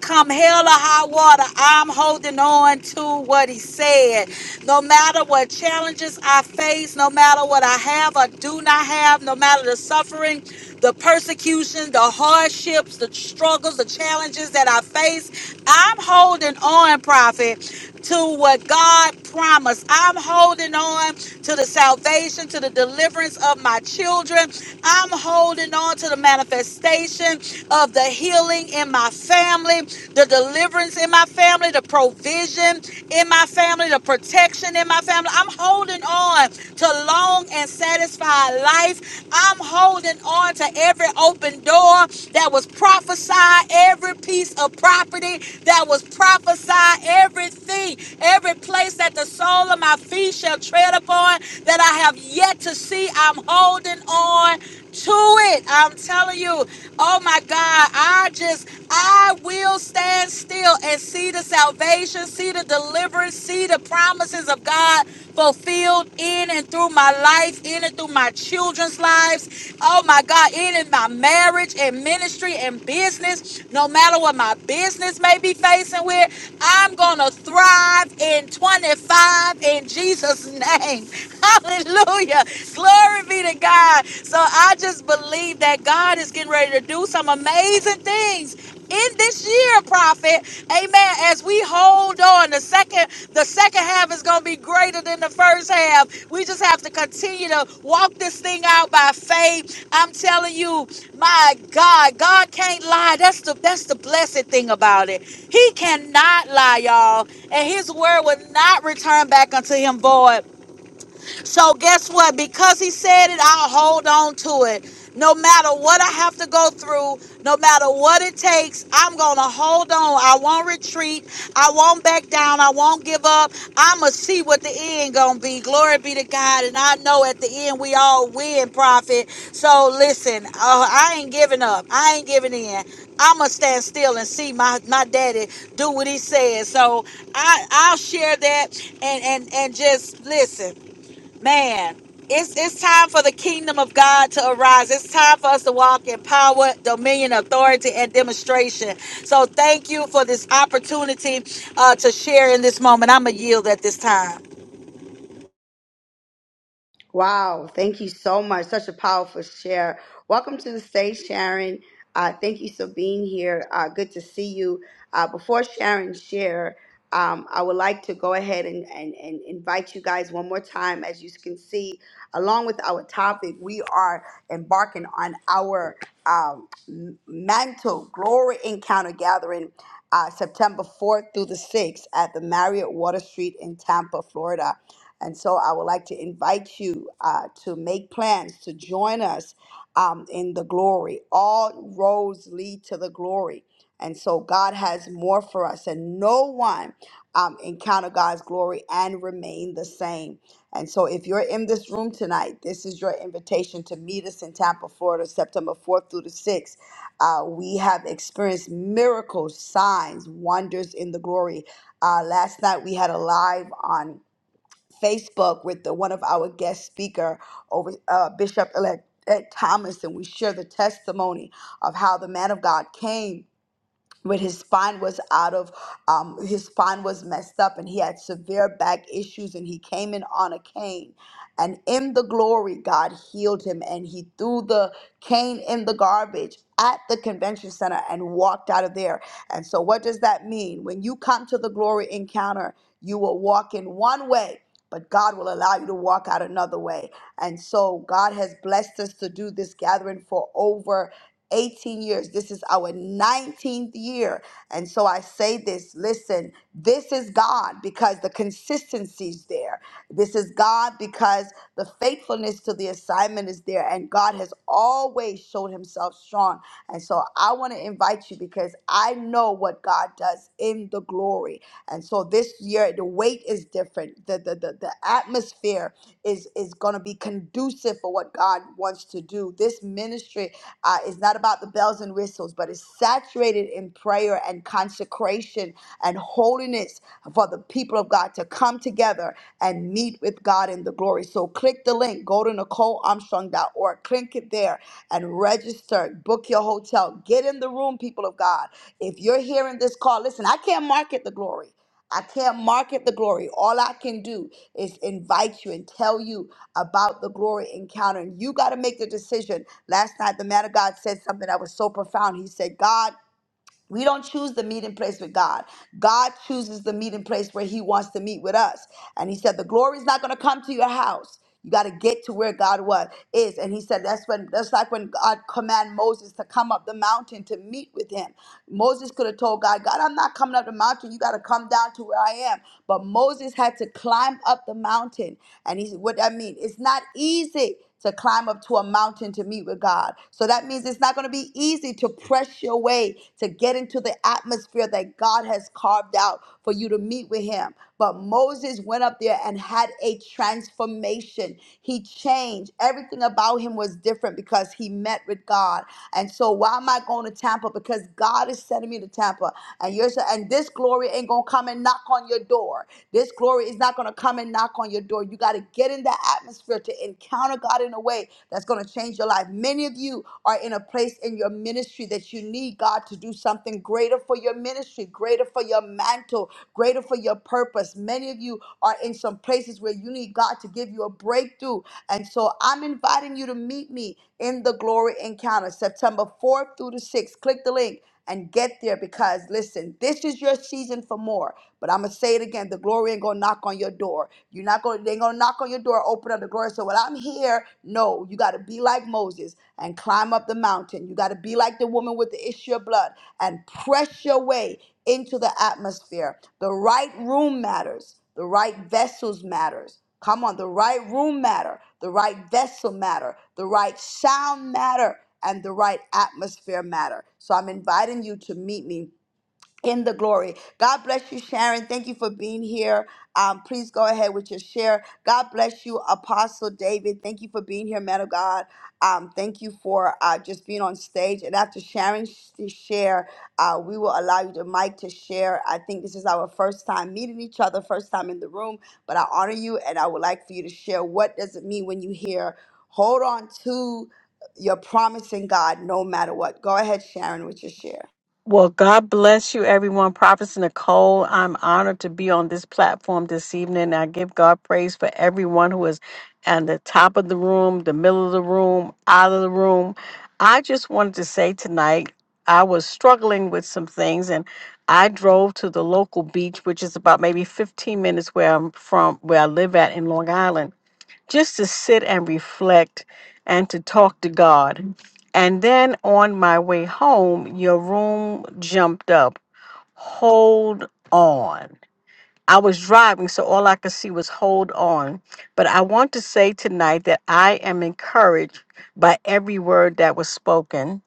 S9: come hell or high water, I'm holding on to what He said. No matter what challenges I face, no matter what I have or do not have, no matter the suffering, the persecution, the hardships, the struggles, the challenges that I face, I'm holding on, prophet, to what God promised. I'm holding on to the salvation, to the deliverance of my children. I'm holding on to the manifestation of the healing in my family, the deliverance in my family, the provision in my family, the protection in my family. I'm holding on to long and satisfied life. I'm holding on to every open door that was prophesied, every piece of property that was prophesied, everything, every place that the sole of my feet shall tread upon that I have yet to see. I'm holding on to it. I'm telling you, oh my God, I just, I will stand still and see the salvation, see the deliverance, see the promises of God fulfilled in and through my life, in and through my children's lives. Oh my God, in and my marriage and ministry and business, no matter what my business may be facing with, I'm going to thrive in 25 in Jesus' name. Hallelujah. Glory be to God. So I just believe that God is getting ready to do some amazing things in this year, prophet. Amen. As we hold on the second, the second half half is going to be greater than the first half. We just have to continue to walk this thing out by faith. I'm telling you, my God, God can't lie. That's the that's the blessed thing about it. He cannot lie, y'all. And his word will not return back unto him void so guess what? Because he said it, I'll hold on to it. No matter what I have to go through, no matter what it takes, I'm going to hold on. I won't retreat. I won't back down. I won't give up. I'm going to see what the end going to be. Glory be to God. And I know at the end we all win, prophet. So listen, uh, I ain't giving up. I ain't giving in. I'm going to stand still and see my, my daddy do what he says. So I, I'll share that and, and, and just listen man it's it's time for the kingdom of god to arise it's time for us to walk in power dominion authority and demonstration so thank you for this opportunity uh, to share in this moment i'm a yield at this time
S1: Wow, thank you so much. Such a powerful share. Welcome to the stage, Sharon. Uh, thank you for being here. Uh, good to see you. Uh, before Sharon share, um, I would like to go ahead and, and, and invite you guys one more time. As you can see, along with our topic, we are embarking on our um, m- mantle glory encounter gathering uh, September 4th through the 6th at the Marriott Water Street in Tampa, Florida. And so I would like to invite you uh, to make plans to join us um, in the glory. All roads lead to the glory. And so God has more for us, and no one um, encounter God's glory and remain the same. And so, if you're in this room tonight, this is your invitation to meet us in Tampa, Florida, September 4th through the 6th. Uh, we have experienced miracles, signs, wonders in the glory. Uh, last night we had a live on. Facebook with the one of our guest speaker over uh, Bishop Elect Ed Thomas, and we share the testimony of how the man of God came. When his spine was out of um, his spine was messed up and he had severe back issues and he came in on a cane and in the glory god healed him and he threw the cane in the garbage at the convention center and walked out of there and so what does that mean when you come to the glory encounter you will walk in one way but God will allow you to walk out another way. And so God has blessed us to do this gathering for over 18 years. This is our 19th year. And so I say this listen, this is God because the consistency's there. This is God because the faithfulness to the assignment is there. And God has always showed himself strong. And so I want to invite you because I know what God does in the glory. And so this year, the weight is different, the, the, the, the atmosphere is is going to be conducive for what God wants to do. This ministry uh, it's not about the bells and whistles, but it's saturated in prayer and consecration and holiness for the people of God to come together and meet with God in the glory. So click the link, go to Nicole Armstrong dot NicoleArmstrong.org, click it there and register, book your hotel, get in the room, people of God. If you're hearing this call, listen, I can't market the glory. I can't market the glory. All I can do is invite you and tell you about the glory encounter. And you got to make the decision. Last night, the man of God said something that was so profound. He said, God, we don't choose the meeting place with God. God chooses the meeting place where He wants to meet with us. And He said, the glory is not going to come to your house. You got to get to where God was is, and He said that's when that's like when God commanded Moses to come up the mountain to meet with Him. Moses could have told God, God, I'm not coming up the mountain. You got to come down to where I am. But Moses had to climb up the mountain and he said, What that mean? It's not easy to climb up to a mountain to meet with God. So that means it's not going to be easy to press your way to get into the atmosphere that God has carved out for you to meet with him. But Moses went up there and had a transformation. He changed. Everything about him was different because he met with God. And so why am I going to Tampa? Because God is sending me to Tampa. And you're sa- and this glory ain't gonna come and knock on your door. This glory is not going to come and knock on your door. You got to get in that atmosphere to encounter God in a way that's going to change your life. Many of you are in a place in your ministry that you need God to do something greater for your ministry, greater for your mantle, greater for your purpose. Many of you are in some places where you need God to give you a breakthrough. And so I'm inviting you to meet me in the glory encounter September 4th through the 6th. Click the link and get there because listen, this is your season for more. But I'm gonna say it again: the glory ain't gonna knock on your door. You're not gonna. They ain't gonna knock on your door. Open up the glory. So when I'm here, no, you gotta be like Moses and climb up the mountain. You gotta be like the woman with the issue of blood and press your way into the atmosphere. The right room matters. The right vessels matters. Come on, the right room matter, the right vessel matter, the right sound matter, and the right atmosphere matter. So I'm inviting you to meet me in the glory. God bless you, Sharon. Thank you for being here. Um, please go ahead with your share. God bless you, Apostle David. Thank you for being here, man of God. Um, thank you for uh, just being on stage. And after Sharon to share, uh, we will allow you the mic to share. I think this is our first time meeting each other, first time in the room. But I honor you, and I would like for you to share. What does it mean when you hear? Hold on to your promise in God, no matter what. Go ahead, Sharon, with your share.
S10: Well, God bless you, everyone. Prophetess Nicole, I'm honored to be on this platform this evening. I give God praise for everyone who is at the top of the room, the middle of the room, out of the room. I just wanted to say tonight, I was struggling with some things and I drove to the local beach, which is about maybe 15 minutes where I'm from, where I live at in Long Island just to sit and reflect and to talk to God. And then on my way home, your room jumped up. Hold on. I was driving, so all I could see was hold on. But I want to say tonight that I am encouraged by every word that was spoken.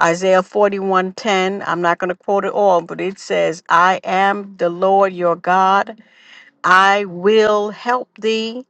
S10: Isaiah 41:10, I'm not going to quote it all, but it says, "I am the Lord your God. I will help thee.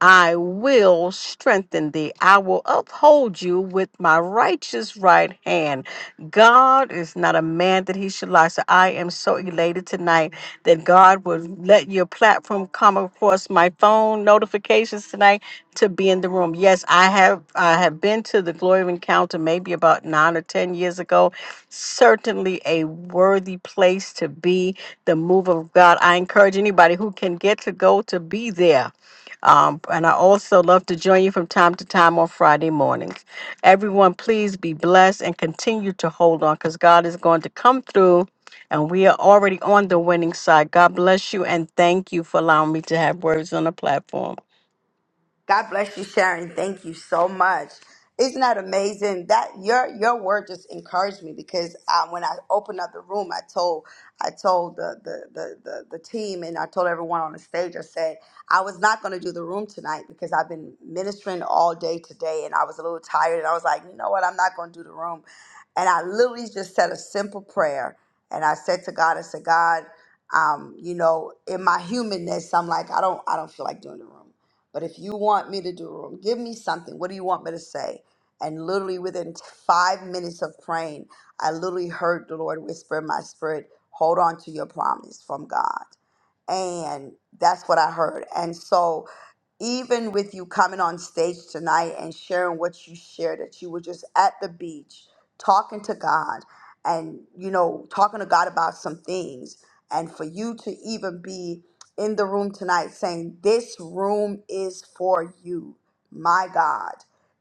S10: I will strengthen thee. I will uphold you with my righteous right hand. God is not a man that he should lie. So I am so elated tonight that God would let your platform come across my phone notifications tonight to be in the room. Yes, I have I have been to the Glory of Encounter maybe about nine or ten years ago. Certainly a worthy place to be the move of God. I encourage anybody who can get to go to be there um, and I also love to join you from time to time on Friday mornings. Everyone, please be blessed and continue to hold on because God is going to come through and we are already on the winning side. God bless you and thank you for allowing me to have words on the platform.
S1: God bless you, Sharon. Thank you so much. Isn't that amazing? That your your word just encouraged me because um, when I opened up the room, I told I told the the, the the the team and I told everyone on the stage. I said I was not going to do the room tonight because I've been ministering all day today and I was a little tired and I was like, you know what, I'm not going to do the room. And I literally just said a simple prayer and I said to God, I said, God, um, you know, in my humanness, I'm like, I don't I don't feel like doing the room. But if you want me to do a room, give me something. What do you want me to say? And literally within t- five minutes of praying, I literally heard the Lord whisper in my spirit, hold on to your promise from God. And that's what I heard. And so even with you coming on stage tonight and sharing what you shared, that you were just at the beach talking to God and, you know, talking to God about some things. And for you to even be in the room tonight saying, This room is for you, my God.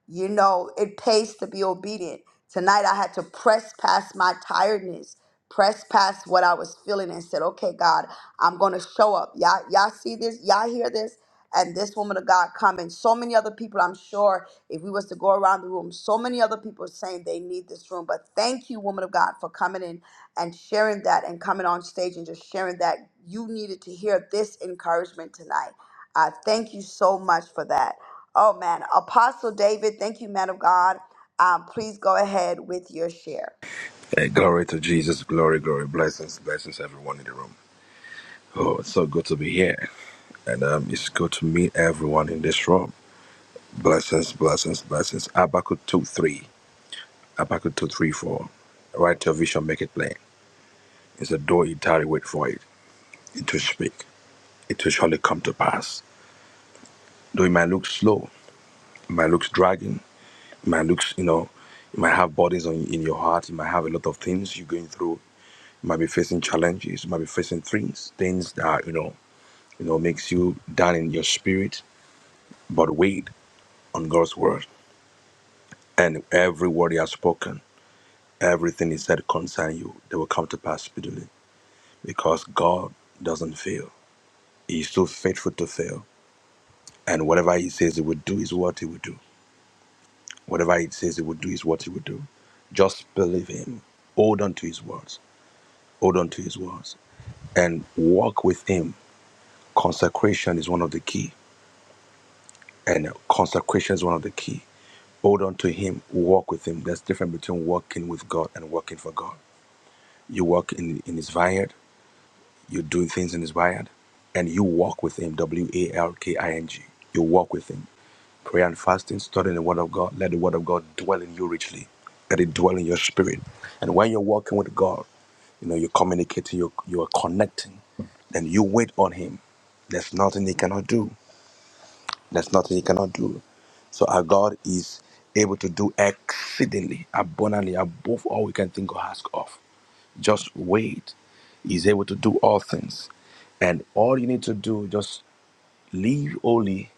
S1: You know, it pays to be obedient. Tonight I had to press past my tiredness, press past what I was feeling and said, Okay, God, I'm gonna show up. Y'all, y'all see this? Y'all hear this? and this woman of God come and so many other people. I'm sure if we was to go around the room, so many other people saying they need this room. But thank you, woman of God, for coming in and sharing that and coming on stage and just sharing that you needed to hear this encouragement tonight. I thank you so much for that. Oh man, Apostle David, thank you, man of God. Um, please go ahead with your share.
S11: Hey, glory to Jesus. Glory, glory. Blessings, blessings, everyone in the room. Oh, it's so good to be here. And um, it's good to meet everyone in this room. Blessings, blessings, blessings. Habakkuk 2 3. Habakkuk 2 3 4. Write your vision, make it plain. It's a door you tarry, wait for it. It will speak. It will surely come to pass. Though it might look slow, it might look dragging, it might look, you know, you might have burdens on, in your heart, you might have a lot of things you're going through, you might be facing challenges, you might be facing things, things that, you know, you know, makes you down in your spirit, but wait on God's word. And every word he has spoken, everything he said concerning you, they will come to pass speedily. Because God doesn't fail. He is too faithful to fail. And whatever he says he would do is what he would do. Whatever he says he would do is what he would do. Just believe him. Hold on to his words. Hold on to his words. And walk with him. Consecration is one of the key. And consecration is one of the key Hold on to Him, walk with Him. There's difference between walking with God and working for God. You walk in, in His vineyard, you're doing things in His vineyard, and you walk with Him. W A L K I N G. You walk with Him. Prayer and fasting, studying the Word of God. Let the Word of God dwell in you richly. Let it dwell in your spirit. And when you're walking with God, you know you're communicating, you're, you're connecting, then you wait on Him. There's nothing He cannot do. There's nothing he cannot do. So our God is able to do exceedingly abundantly above all we can think or ask of. Just wait. He's able to do all things. And all you need to do, just live holy,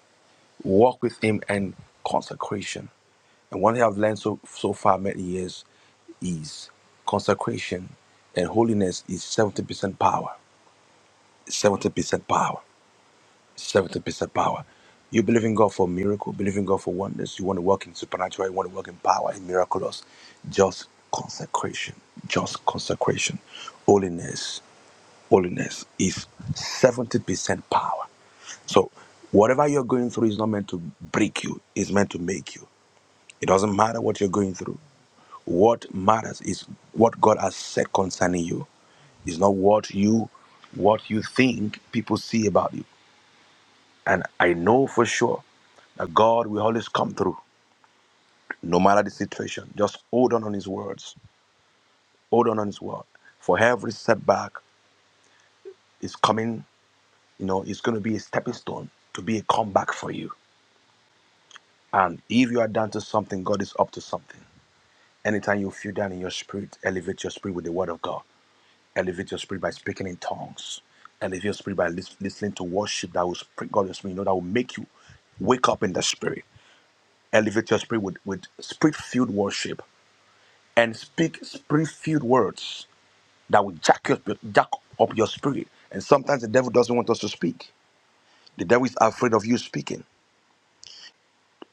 S11: walk with him and consecration. And one thing I've learned so so far many years is consecration and holiness is 70% power. 70% power Seventh piece of power. You believe in God for miracle, believe in God for wonders. You want to work in supernatural, you want to work in power, in miraculous. Just consecration, just consecration. Holiness, holiness is 70% power. So whatever you're going through is not meant to break you, it's meant to make you. It doesn't matter what you're going through. What matters is what God has said concerning you. It's not what you what you think people see about you. And I know for sure that God will always come through, no matter the situation. Just hold on on His words. Hold on on His word. For every setback is coming, you know, it's going to be a stepping stone to be a comeback for you. And if you are down to something, God is up to something. Anytime you feel down in your spirit, elevate your spirit with the word of God. Elevate your spirit by speaking in tongues. Elevate your spirit by lis- listening to worship that will sprinkle your spirit, you know, that will make you wake up in the spirit. Elevate your spirit with, with spirit filled worship and speak spirit-filled words that will jack, your, jack up your spirit. And sometimes the devil doesn't want us to speak. The devil is afraid of you speaking.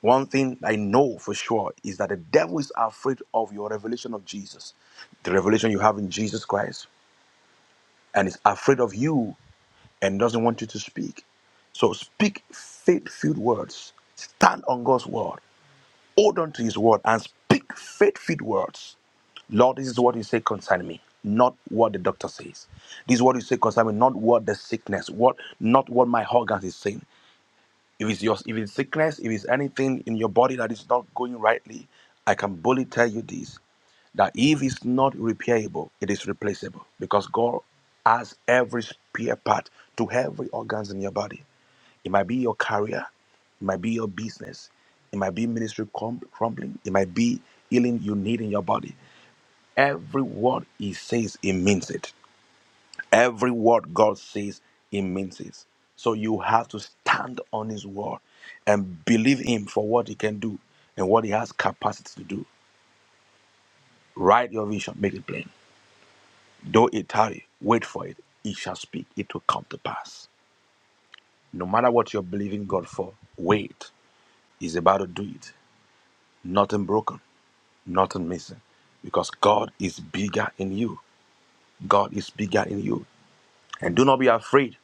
S11: One thing I know for sure is that the devil is afraid of your revelation of Jesus, the revelation you have in Jesus Christ, and is afraid of you and doesn't want you to speak. So speak faith-filled words. Stand on God's word. Hold on to his word and speak faithful words. Lord, this is what you say concerning me, not what the doctor says. This is what you say concerning me, not what the sickness, what not what my organs is saying. If it's your if it's sickness, if it's anything in your body that is not going rightly, I can boldly tell you this that if it's not repairable, it is replaceable because God has every spare part to every organs in your body. It might be your career, it might be your business, it might be ministry crum- crumbling, it might be healing you need in your body. Every word he says, he means it. Every word God says, He means it. So you have to stand on His word and believe Him for what He can do and what He has capacity to do. Write your vision, make it plain. Though it tarry, wait for it. It shall speak, it will come to pass. No matter what you're believing God for, wait. He's about to do it. Nothing broken, nothing missing. Because God is bigger in you. God is bigger in you. And do not be afraid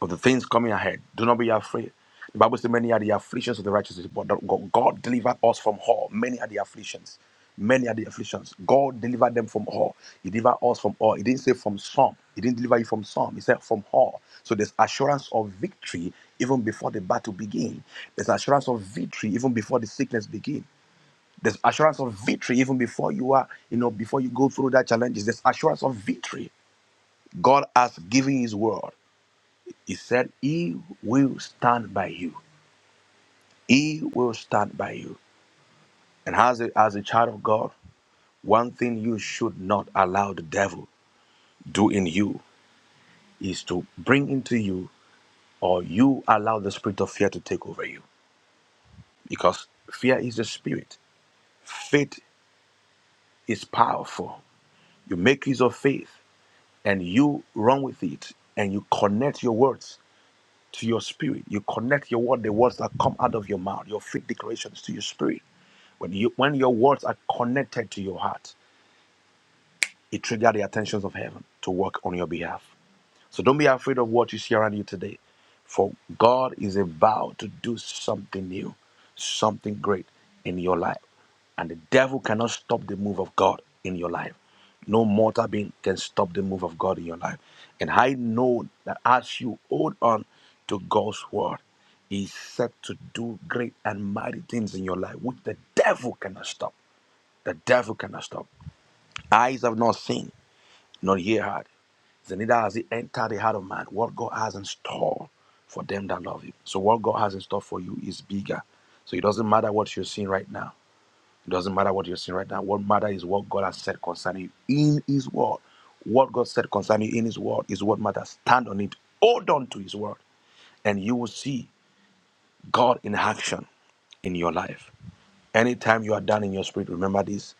S11: of the things coming ahead. Do not be afraid. The Bible says, Many are the afflictions of the righteous, but God God delivered us from all. Many are the afflictions. Many are the afflictions. God delivered them from all. He delivered us from all. He didn't say from some. He didn't deliver you from some. He said from all. So there's assurance of victory even before the battle begins. There's assurance of victory even before the sickness begins. There's assurance of victory even before you are, you know, before you go through that challenges. There's assurance of victory. God has given His word. He said, He will stand by you. He will stand by you. And as a, as a child of God, one thing you should not allow the devil do in you is to bring into you or you allow the spirit of fear to take over you. Because fear is a spirit. Faith is powerful. You make use of faith and you run with it and you connect your words to your spirit. You connect your word, the words that come out of your mouth, your faith declarations to your spirit. When you when your words are connected to your heart, it triggers the attentions of heaven to work on your behalf. So don't be afraid of what you see around you today, for God is about to do something new, something great in your life. And the devil cannot stop the move of God in your life. No mortal being can stop the move of God in your life. And I know that as you hold on to God's word, He's set to do great and mighty things in your life, which the devil cannot stop. The devil cannot stop. Eyes have not seen, nor ear heard. Then neither has he entered the heart of man what God has in store for them that love him. So what God has in store for you is bigger. So it doesn't matter what you're seeing right now. It doesn't matter what you're seeing right now. What matters is what God has said concerning you in his word. What God said concerning you in his word is what matters. Stand on it. Hold on to his word. And you will see God in action in your life. Anytime you are down in your spirit, remember this.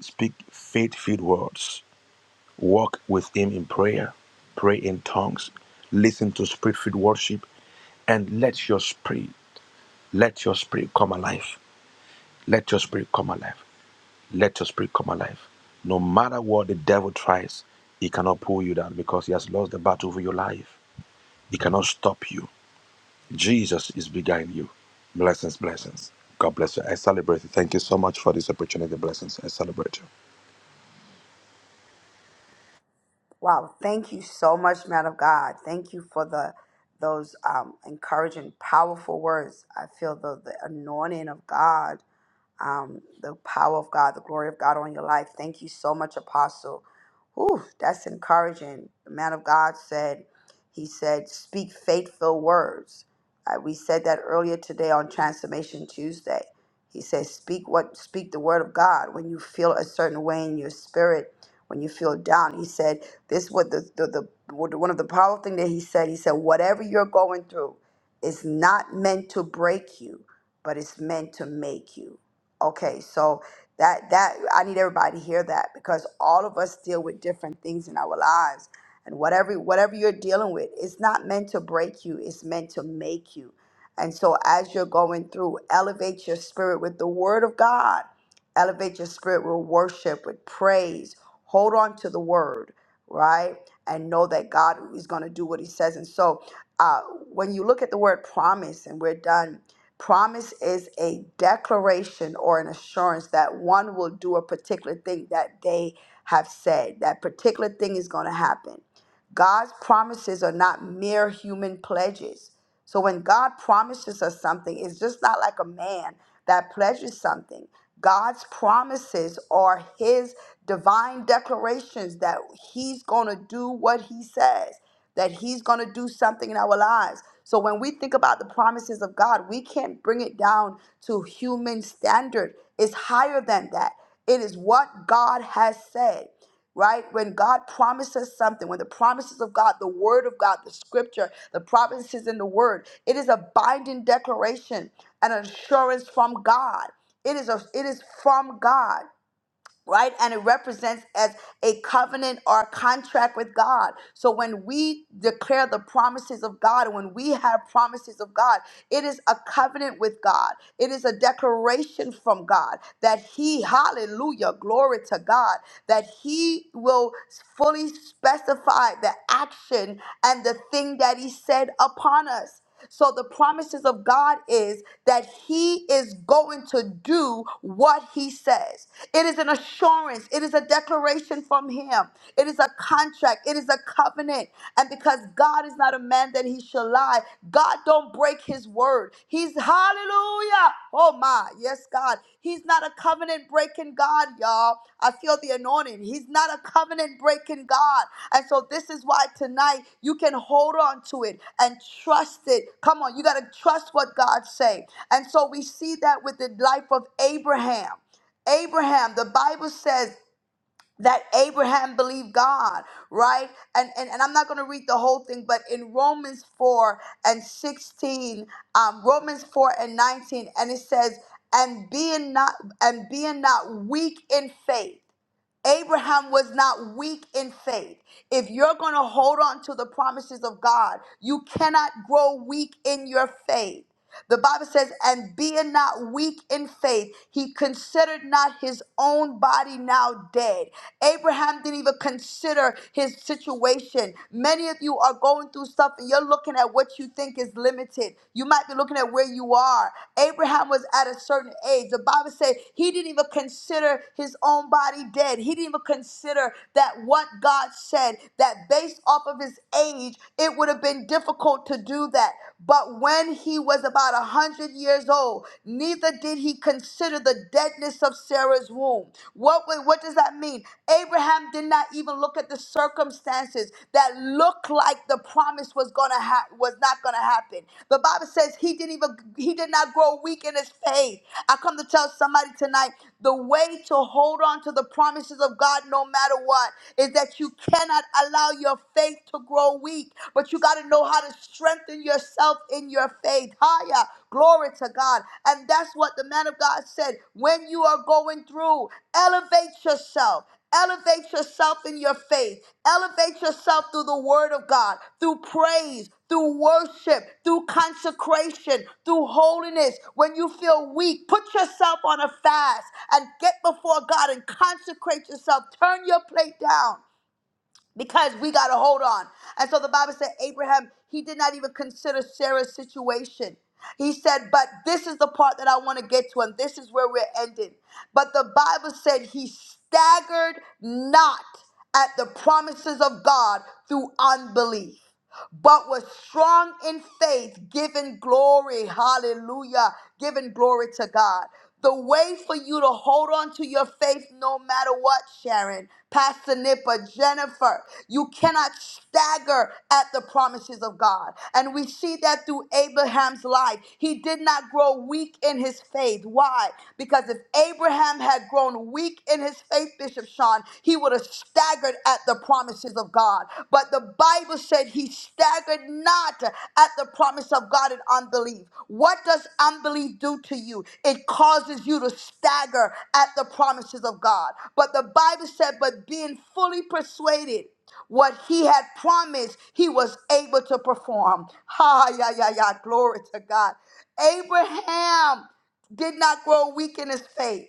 S11: Speak faith-filled words walk with Him in prayer, pray in tongues, listen to spirit-filled worship, and let your spirit, let your spirit come alive. Let your spirit come alive. Let your spirit come alive. No matter what the devil tries, he cannot pull you down because he has lost the battle for your life. He cannot stop you. Jesus is behind you. Blessings, blessings. God bless you. I celebrate you. Thank you so much for this opportunity. Blessings. I celebrate you.
S1: Wow, thank you so much, man of God. Thank you for the those um, encouraging, powerful words. I feel the, the anointing of God, um, the power of God, the glory of God on your life. Thank you so much, Apostle. Whew, that's encouraging. The man of God said, he said, speak faithful words. Uh, we said that earlier today on Transformation Tuesday. He says, speak what, speak the word of God. When you feel a certain way in your spirit, when you feel down, he said, this what the, the, the one of the powerful thing that he said. He said, whatever you're going through is not meant to break you, but it's meant to make you. Okay, so that that I need everybody to hear that because all of us deal with different things in our lives. And whatever whatever you're dealing with, it's not meant to break you, it's meant to make you. And so as you're going through, elevate your spirit with the word of God. Elevate your spirit with worship, with praise. Hold on to the word, right? And know that God is going to do what he says. And so uh, when you look at the word promise, and we're done, Promise is a declaration or an assurance that one will do a particular thing that they have said. That particular thing is going to happen. God's promises are not mere human pledges. So when God promises us something, it's just not like a man that pledges something. God's promises are his divine declarations that he's going to do what he says that He's going to do something in our lives. So when we think about the promises of God, we can't bring it down to human standard. It's higher than that. It is what God has said right? When God promises something, when the promises of God, the word of God, the scripture, the promises in the word, it is a binding declaration, an assurance from God. It is a it is from God right? And it represents as a covenant or a contract with God. So when we declare the promises of God, when we have promises of God, it is a covenant with God. It is a declaration from God that He, hallelujah, glory to God, that He will fully specify the action and the thing that He said upon us. So the promises of God is that he is going to do what he says. It is an assurance, it is a declaration from him. It is a contract, it is a covenant. And because God is not a man that he shall lie, God don't break his word. He's hallelujah. Oh my, yes, God. He's not a covenant breaking God, y'all. I feel the anointing. He's not a covenant breaking God. And so this is why tonight you can hold on to it and trust it. Come on, you got to trust what God say. And so we see that with the life of Abraham. Abraham, the Bible says that Abraham believed God, right? And and, and I'm not going to read the whole thing, but in Romans 4 and 16, um, Romans 4 and 19, and it says, and being not and being not weak in faith. Abraham was not weak in faith. If you're going to hold on to the promises of God, you cannot grow weak in your faith. The Bible says, and being not weak in faith, he considered not his own body now dead. Abraham didn't even consider his situation. Many of you are going through stuff and you're looking at what you think is limited. You might be looking at where you are. Abraham was at a certain age. The Bible says he didn't even consider his own body dead. He didn't even consider that what God said, that based off of his age, it would have been difficult to do that. But when he was about a hundred years old, neither did he consider the deadness of Sarah's womb. What, what does that mean? Abraham Abraham did not even look at the circumstances that looked like the promise was gonna ha- was not gonna happen. The Bible says he didn't even he did not grow weak in his faith. I come to tell somebody tonight the way to hold on to the promises of God no matter what is that you cannot allow your faith to grow weak, but you got to know how to strengthen yourself in your faith. Higher. Glory to God. And that's what the man of God said. When you are going through, elevate yourself. Elevate yourself in your faith. Elevate yourself through the word of God, through praise, through worship, through consecration, through holiness. When you feel weak, put yourself on a fast and get before God and consecrate yourself. Turn your plate down because we got to hold on. And so the Bible said Abraham, he did not even consider Sarah's situation. He said, But this is the part that I want to get to, and this is where we're ending. But the Bible said he staggered not at the promises of God through unbelief but was strong in faith, giving glory, hallelujah, giving glory to God. The way for you to hold on to your faith no matter what, Sharon, Pastor Nipper, Jennifer, you cannot stagger at the promises of God. And we see that through Abraham's life. He did not grow weak in his faith. Why? Because if Abraham had grown weak in his faith, Bishop Sean, John, he would have staggered at the promises of God. But the Bible said he staggered not at the promise of God in unbelief. What does unbelief do to you? It causes you to stagger at the promises of God. But the Bible said, but being fully persuaded what he had promised, he was able to perform. Ha, yeah, yeah, yeah. Glory to God. Abraham did not grow weak in his faith.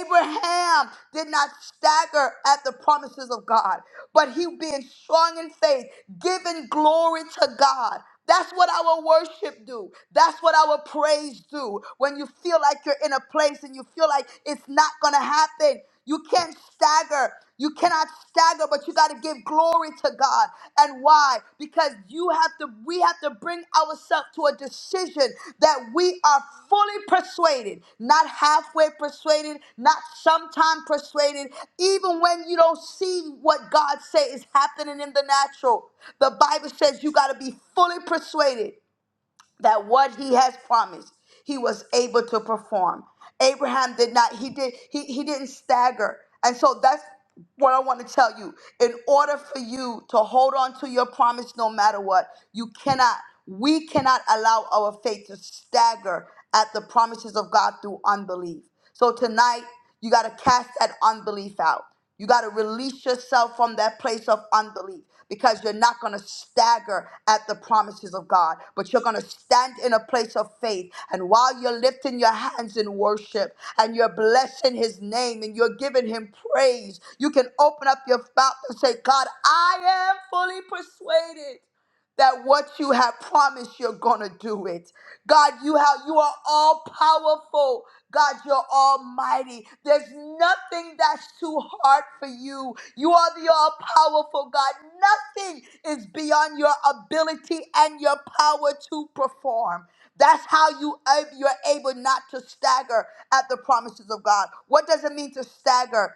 S1: Abraham did not stagger at the promises of God, but he being strong in faith, giving glory to God. That's what our worship do. That's what our praise do. When you feel like you're in a place and you feel like it's not going to happen, you can't stagger. You cannot stagger, but you got to give glory to God. And why? Because you have to we have to bring ourselves to a decision that we are fully persuaded, not halfway persuaded, not sometime persuaded, even when you don't see what God say is happening in the natural. The Bible says you got to be fully persuaded that what he has promised he was able to perform abraham did not he did he, he didn't stagger and so that's what i want to tell you in order for you to hold on to your promise no matter what you cannot we cannot allow our faith to stagger at the promises of god through unbelief so tonight you got to cast that unbelief out you got to release yourself from that place of unbelief because you're not going to stagger at the promises of God, but you're going to stand in a place of faith. And while you're lifting your hands in worship and you're blessing his name and you're giving him praise, you can open up your mouth and say, God, I am fully persuaded that what you have promised you're gonna do it god you have you are all powerful god you're almighty there's nothing that's too hard for you you are the all powerful god nothing is beyond your ability and your power to perform that's how you ab- you're able not to stagger at the promises of god what does it mean to stagger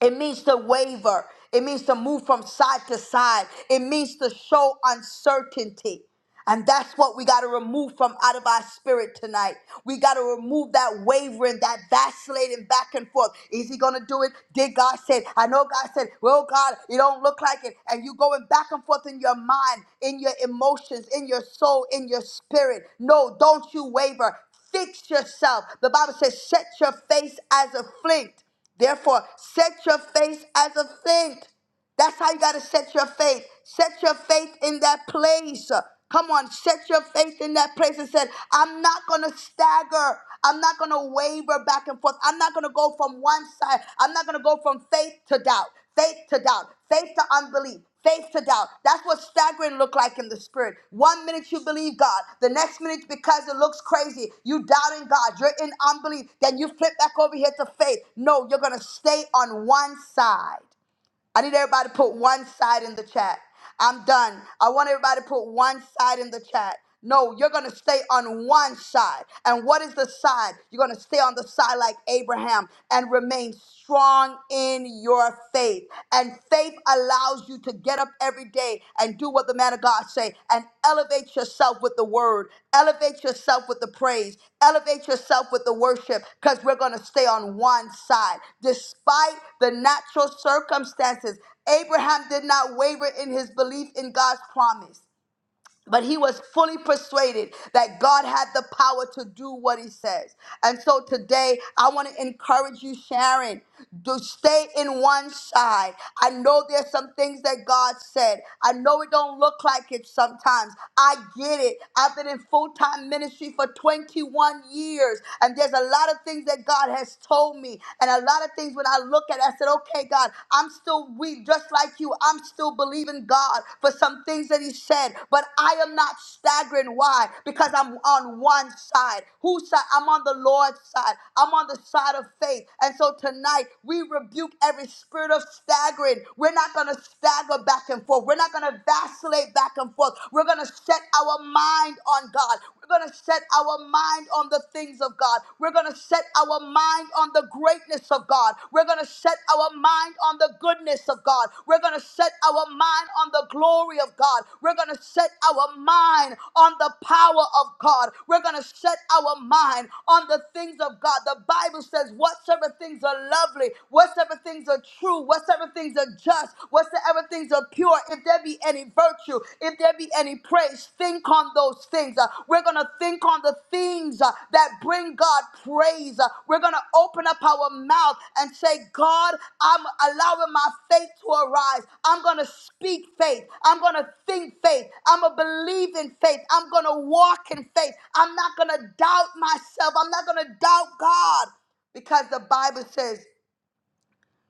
S1: it means to waver. It means to move from side to side. It means to show uncertainty. And that's what we got to remove from out of our spirit tonight. We got to remove that wavering, that vacillating back and forth. Is he going to do it? Did God say? it? I know God said, well, God, it don't look like it. And you going back and forth in your mind, in your emotions, in your soul, in your spirit. No, don't you waver. Fix yourself. The Bible says, set your face as a flint. Therefore, set your face as a flint. That's how you got to set your faith. Set your faith in that place. Come on, set your faith in that place and said, I'm not going to stagger. I'm not going to waver back and forth. I'm not going to go from one side. I'm not going to go from faith to doubt, faith to doubt, faith to unbelief. Faith to doubt. That's what staggering look like in the spirit. One minute you believe God, the next minute because it looks crazy, you doubting God, you're in unbelief. Then you flip back over here to faith. No, you're gonna stay on one side. I need everybody to put one side in the chat. I'm done. I want everybody to put one side in the chat. No, you're going to stay on one side. And what is the side? You're going to stay on the side like Abraham and remain strong in your faith. And faith allows you to get up every day and do what the man of God say and elevate yourself with the word. Elevate yourself with the praise. Elevate yourself with the worship because we're going to stay on one side. Despite the natural circumstances, Abraham did not waver in his belief in God's promise. But he was fully persuaded that God had the power to do what he says. And so today, I want to encourage you, Sharon, to stay in one side. I know there's some things that God said. I know it don't look like it sometimes. I get it. I've been in full-time ministry for 21 years, and there's a lot of things that God has told me, and a lot of things when I look at, it, I said, "Okay, God." God. I'm still weak, just like you. I'm still believing God for some things that He said, but I am not staggering. Why? Because I'm on one side. Whose side? I'm on the Lord's side. I'm on the side of faith. And so tonight, we rebuke every spirit of staggering. We're not going to stagger back and forth. We're not going to vacillate back and forth. We're going to set our mind on God. We're going to set our mind on the the things of God. We're going to set our mind on the greatness of God. We're going to set our mind on the goodness of God. We're going to set our mind on the glory of God. We're going to set our mind on the power of God. We're going to set our mind on the things of God. The Bible says, whatsoever things are lovely, whatsoever things are true, whatsoever things are just, whatsoever things are pure, if there be any any virtue, if there be any praise, think on those things. Uh, we're going to think on the things uh, that bring God praise. Uh, we're going to open up our mouth and say, God, I'm allowing my faith to arise. I'm going to speak faith. I'm going to think faith. I'm going to believe in faith. I'm going to walk in faith. I'm not going to doubt myself. I'm not going to doubt God because the Bible says,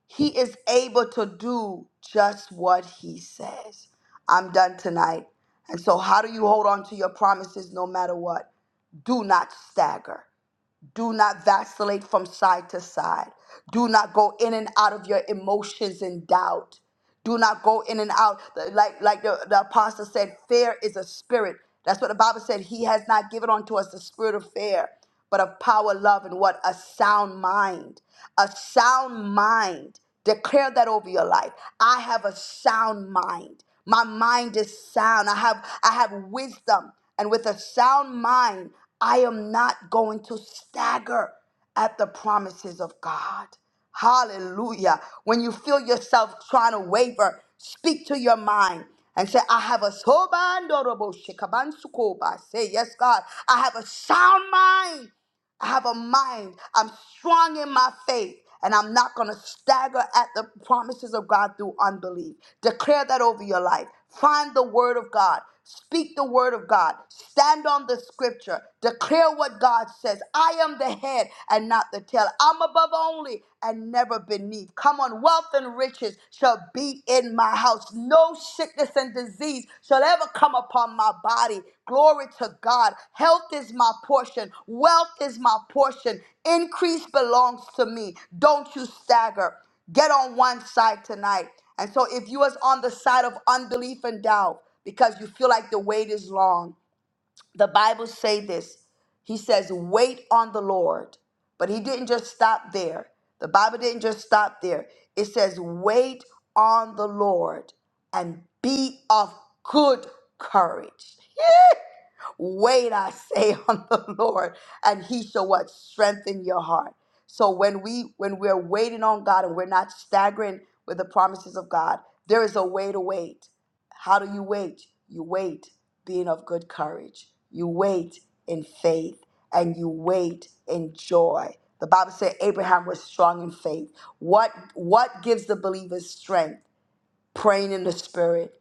S1: he is able to do just what he says. I'm done tonight. And so, how do you hold on to your promises no matter what? Do not stagger. Do not vacillate from side to side. Do not go in and out of your emotions and doubt. Do not go in and out. Like, like the, the apostle said, fear is a spirit. That's what the Bible said. He has not given unto us the spirit of fear, but of power, love, and what? A sound mind. A sound mind. Declare that over your life. I have a sound mind. My mind is sound. I have I have wisdom and with a sound mind, I am not going to stagger at the promises of God. Hallelujah. When you feel yourself trying to waver, speak to your mind and say, I have a sober and honorable shikabansukoba." Say, Yes, God, I have a sound mind. I have a mind. I'm strong in my faith. And I'm not going to stagger at the promises of God through unbelief. Declare that over your life. Find the word of God. Speak the word of God. Stand on the scripture. Declare what God says. I am the head and not the tail. I'm above only and never beneath. Come on, wealth and riches shall be in my house. No sickness and disease shall ever come upon my body. Glory to God. Health is my portion, wealth is my portion. Increase belongs to me. Don't you stagger. Get on one side tonight. And so if you was on the side of unbelief and doubt because you feel like the wait is long, the Bible say this. He says, "Wait on the Lord." But he didn't just stop there. The Bible didn't just stop there. It says, "Wait on the Lord and be of good courage." Wait, I say on the Lord, and he shall what? Strengthen your heart. So when we when we're waiting on God and we're not staggering with the promises of God, there is a way to wait. How do you wait? You wait being of good courage. You wait in faith and you wait in joy. The Bible said Abraham was strong in faith. What what gives the believers strength? praying in the spirit,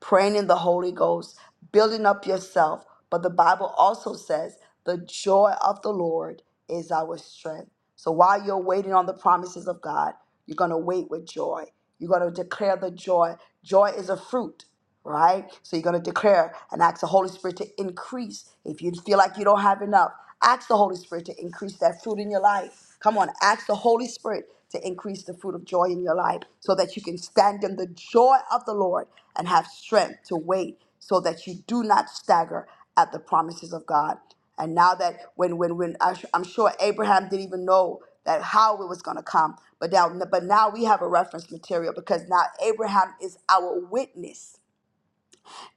S1: praying in the Holy Ghost, building up yourself. But the Bible also says, the joy of the Lord is our strength. So while you're waiting on the promises of God, you're going to wait with joy. You're going to declare the joy. Joy is a fruit, right? So you're going to declare and ask the Holy Spirit to increase. If you feel like you don't have enough, ask the Holy Spirit to increase that fruit in your life. Come on, ask the Holy Spirit to increase the fruit of joy in your life so that you can stand in the joy of the Lord and have strength to wait so that you do not stagger at the promises of God. And now that when when when I- I'm sure Abraham didn't even know that how it was going to come, but now but now we have a reference material because now Abraham is our witness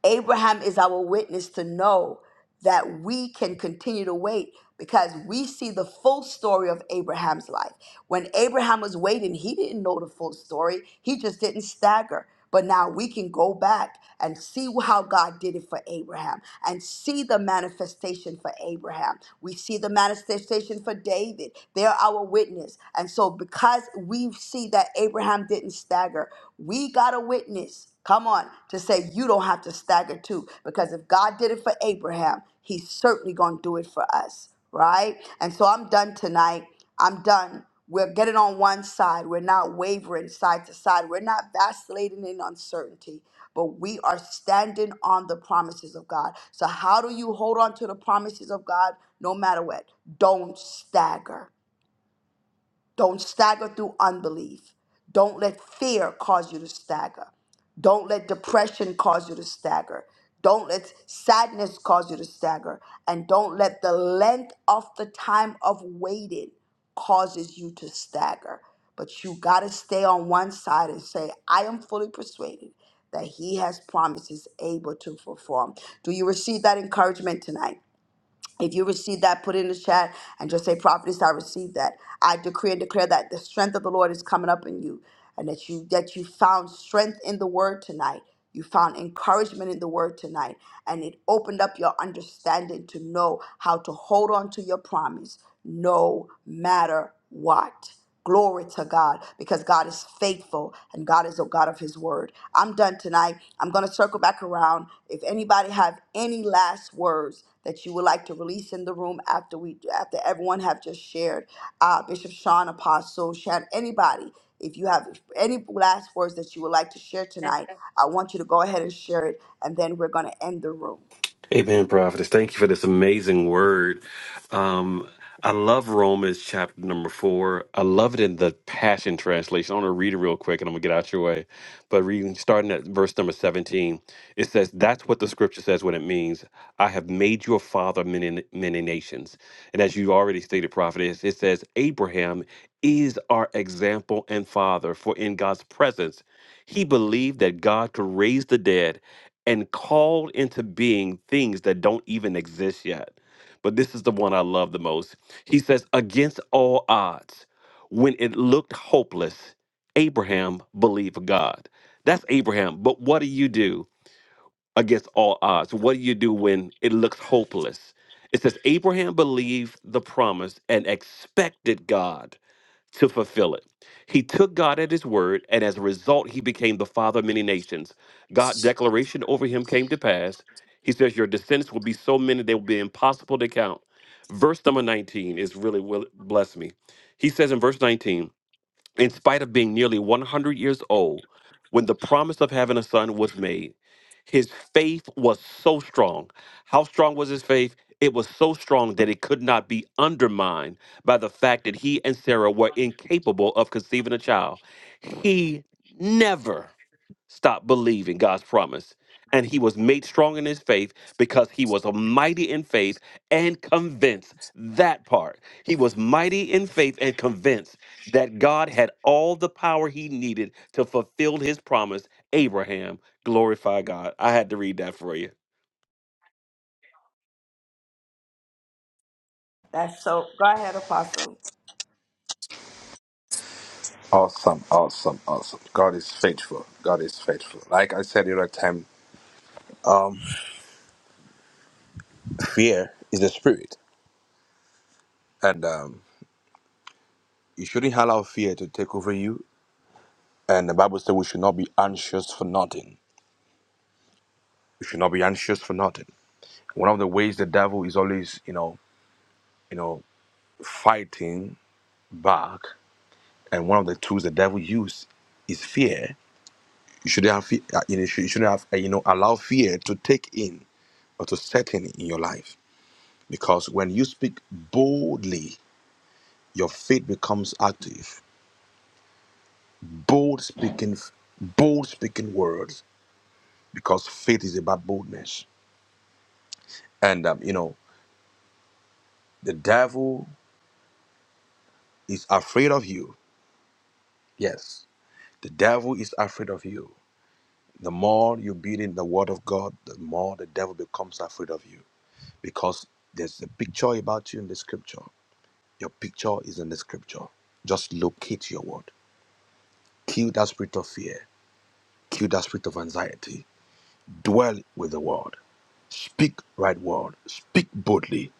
S1: Abraham is our witness to know that we can continue to wait because we see the full story of Abraham's life. When Abraham was waiting, he didn't know the full story, he just didn't stagger. But now we can go back and see how God did it for Abraham and see the manifestation for Abraham. We see the manifestation for David. They're our witness. And so, because we see that Abraham didn't stagger, we got a witness Come on, to say you don't have to stagger too, because if God did it for Abraham, He's certainly going to do it for us, right? And so I'm done tonight. I'm done. We're getting on one side. We're not wavering side to side. We're not vacillating in uncertainty, but we are standing on the promises of God. So, how do you hold on to the promises of God no matter what? Don't stagger don't stagger through unbelief. Don't let fear cause you to stagger. Don't let depression cause you to stagger. Don't let sadness cause you to stagger. And don't let the length of the time of waiting causes you to stagger. But you got to stay on one side and say, I am fully persuaded that he has promises able to perform. Do you receive that encouragement tonight? If you receive that, put it in the chat and just say, Prophetess, I received that. I decree and declare that the strength of the Lord is coming up in you and that you that you found strength in the word tonight. You found encouragement in the word tonight, and it opened up your understanding to know how to hold on to your promise no matter what? Glory to God because God is faithful and God is a God of his word. I'm done tonight. I'm going to circle back around. If anybody have any last words that you would like to release in the room after we after everyone have just shared, uh, Bishop Sean Apostle, Shan, anybody, if you have any last words that you would like to share tonight, I want you to go ahead and share it and then we're going to end the room.
S3: Amen, prophetess. Thank you for this amazing word. Um, I love Romans chapter number four. I love it in the Passion Translation. I want to read it real quick and I'm going to get out your way. But reading, starting at verse number 17, it says, That's what the scripture says when it means, I have made you a father of many, many nations. And as you already stated, prophetess, it says, Abraham is our example and father, for in God's presence, he believed that God could raise the dead and called into being things that don't even exist yet. But this is the one I love the most. He says, Against all odds, when it looked hopeless, Abraham believed God. That's Abraham. But what do you do against all odds? What do you do when it looks hopeless? It says, Abraham believed the promise and expected God to fulfill it. He took God at his word, and as a result, he became the father of many nations. God's declaration over him came to pass. He says, Your descendants will be so many they will be impossible to count. Verse number 19 is really will bless me. He says in verse 19, in spite of being nearly 100 years old, when the promise of having a son was made, his faith was so strong. How strong was his faith? It was so strong that it could not be undermined by the fact that he and Sarah were incapable of conceiving a child. He never stopped believing God's promise. And he was made strong in his faith because he was mighty in faith and convinced that part. He was mighty in faith and convinced that God had all the power he needed to fulfill his promise. Abraham, glorify God. I had to read that for you.
S1: That's so go ahead Apostle.
S11: Awesome, awesome, awesome. God is faithful. God is faithful. Like I said the other time, um, fear is a spirit, and um, you shouldn't allow fear to take over you. And the Bible says we should not be anxious for nothing. We should not be anxious for nothing. One of the ways the devil is always, you know, you know, fighting back, and one of the tools the devil uses is fear. You shouldn't have, fe- uh, you know, you shouldn't have, uh, you know, allow fear to take in or to set in in your life Because when you speak boldly, your faith becomes active. Bold speaking, bold speaking words, because faith is about boldness. And um, you know, the devil is afraid of you. Yes, the devil is afraid of you. The more you build in the word of God, the more the devil becomes afraid of you. Because there's a picture about you in the scripture. Your picture is in the scripture. Just locate your word. Kill that spirit of fear. Kill that spirit of anxiety Dwell with the word. Speak right word. Speak boldly,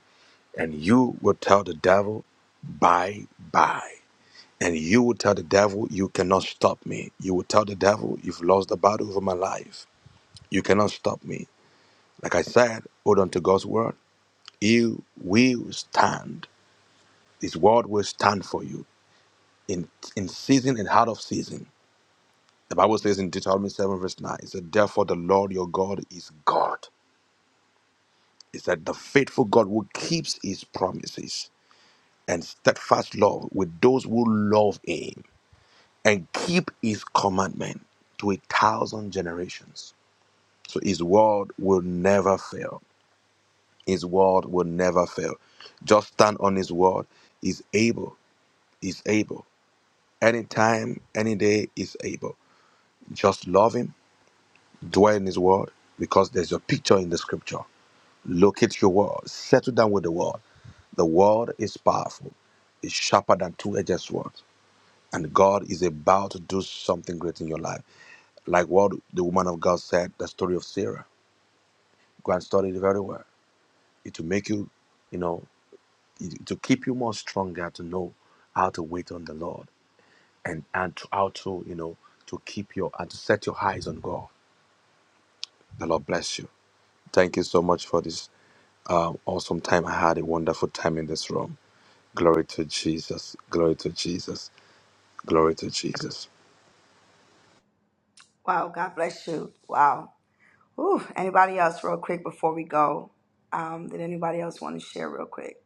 S11: and you will tell the devil, bye bye. And you will tell the devil, you cannot stop me. You will tell the devil, you've lost the battle over my life. You cannot stop me. Like I said, hold on to God's word. You will stand. His word will stand for you in, in season and out of season. The Bible says in Deuteronomy 7, verse 9, it said, Therefore the Lord your God is God. is that the faithful God who keeps his promises and steadfast love with those who love him and keep his commandment to a thousand generations. So his word will never fail. His word will never fail. Just stand on his word. He's able. He's able. Anytime, any day, he's able. Just love him, dwell in his word, because there's a picture in the scripture Locate your word. Settle down with the word. The word is powerful. It's sharper than two-edged sword. And God is about to do something great in your life. Like what the woman of God said, the story of Sarah. Go and study it very well. It will make you, you know, it, to keep you more stronger to know how to wait on the Lord and and to, how to, you know, to keep your and to set your eyes on God. The Lord bless you. Thank you so much for this um, awesome time. I had a wonderful time in this room. Glory to Jesus. Glory to Jesus. Glory to Jesus.
S1: Wow, God bless you. Wow. Whew, anybody else, real quick, before we go? Um, did anybody else want to share, real quick?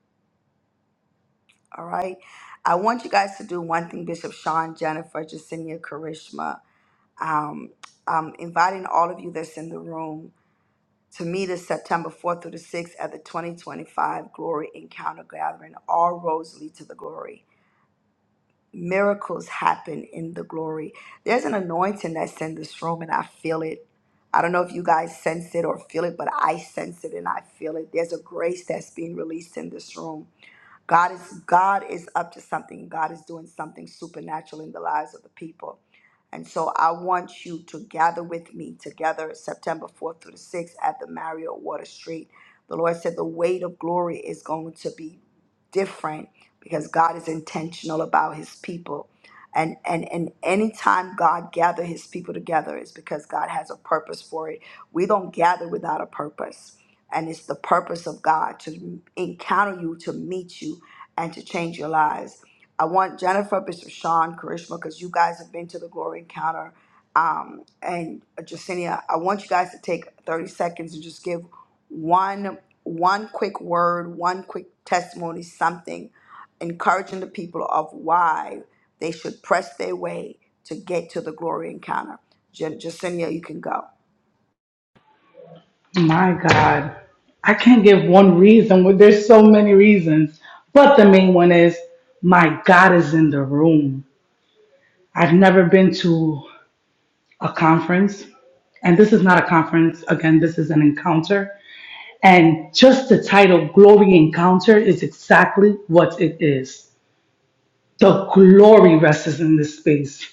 S1: All right. I want you guys to do one thing, Bishop Sean, Jennifer, Jacinia, Karishma. Um, I'm inviting all of you that's in the room to meet us September 4th through the 6th at the 2025 Glory Encounter Gathering, all roads lead to the glory. miracles happen in the glory. There's an anointing that's in this room, and I feel it. I don't know if you guys sense it or feel it, but I sense it and I feel it. There's a grace that's being released in this room. God is God is up to something. God is doing something supernatural in the lives of the people. And so I want you to gather with me together September 4th through the 6th at the Marriott Water Street. The Lord said the weight of glory is going to be different because God is intentional about his people. And and and anytime God gather his people together is because God has a purpose for it. We don't gather without a purpose. And it's the purpose of God to encounter you, to meet you, and to change your lives. I want Jennifer, Bishop Sean, Karishma, because you guys have been to the Glory Encounter, um, and Jacinia. I want you guys to take 30 seconds and just give one one quick word, one quick testimony, something encouraging the people of why they should press their way to get to the Glory Encounter. Jen, Jacinia, you can go.
S2: My God, I can't give one reason. Well, There's so many reasons, but the main one is my God is in the room. I've never been to a conference, and this is not a conference. Again, this is an encounter. And just the title, Glory Encounter, is exactly what it is. The glory rests in this space.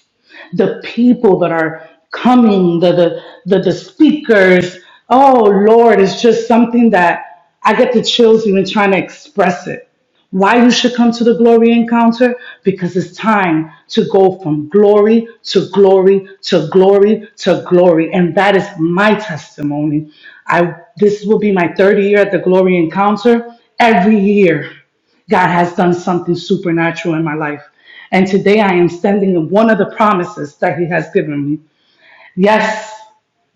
S2: The people that are coming, the the the, the speakers. Oh Lord, it's just something that I get the chills even trying to express it. Why you should come to the glory encounter? Because it's time to go from glory to glory to glory to glory. And that is my testimony. I this will be my third year at the glory encounter. Every year, God has done something supernatural in my life. And today I am standing in one of the promises that He has given me. Yes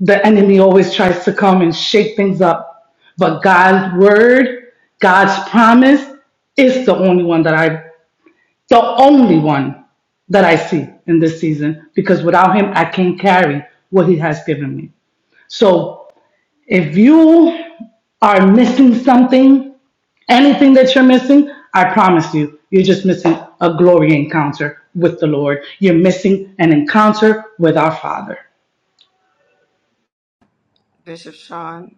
S2: the enemy always tries to come and shake things up. But God's word, God's promise is the only one that I, the only one that I see in this season because without him, I can't carry what he has given me. So if you are missing something, anything that you're missing, I promise you, you're just missing a glory encounter with the Lord. You're missing an encounter with our Father.
S1: Bishop Sean.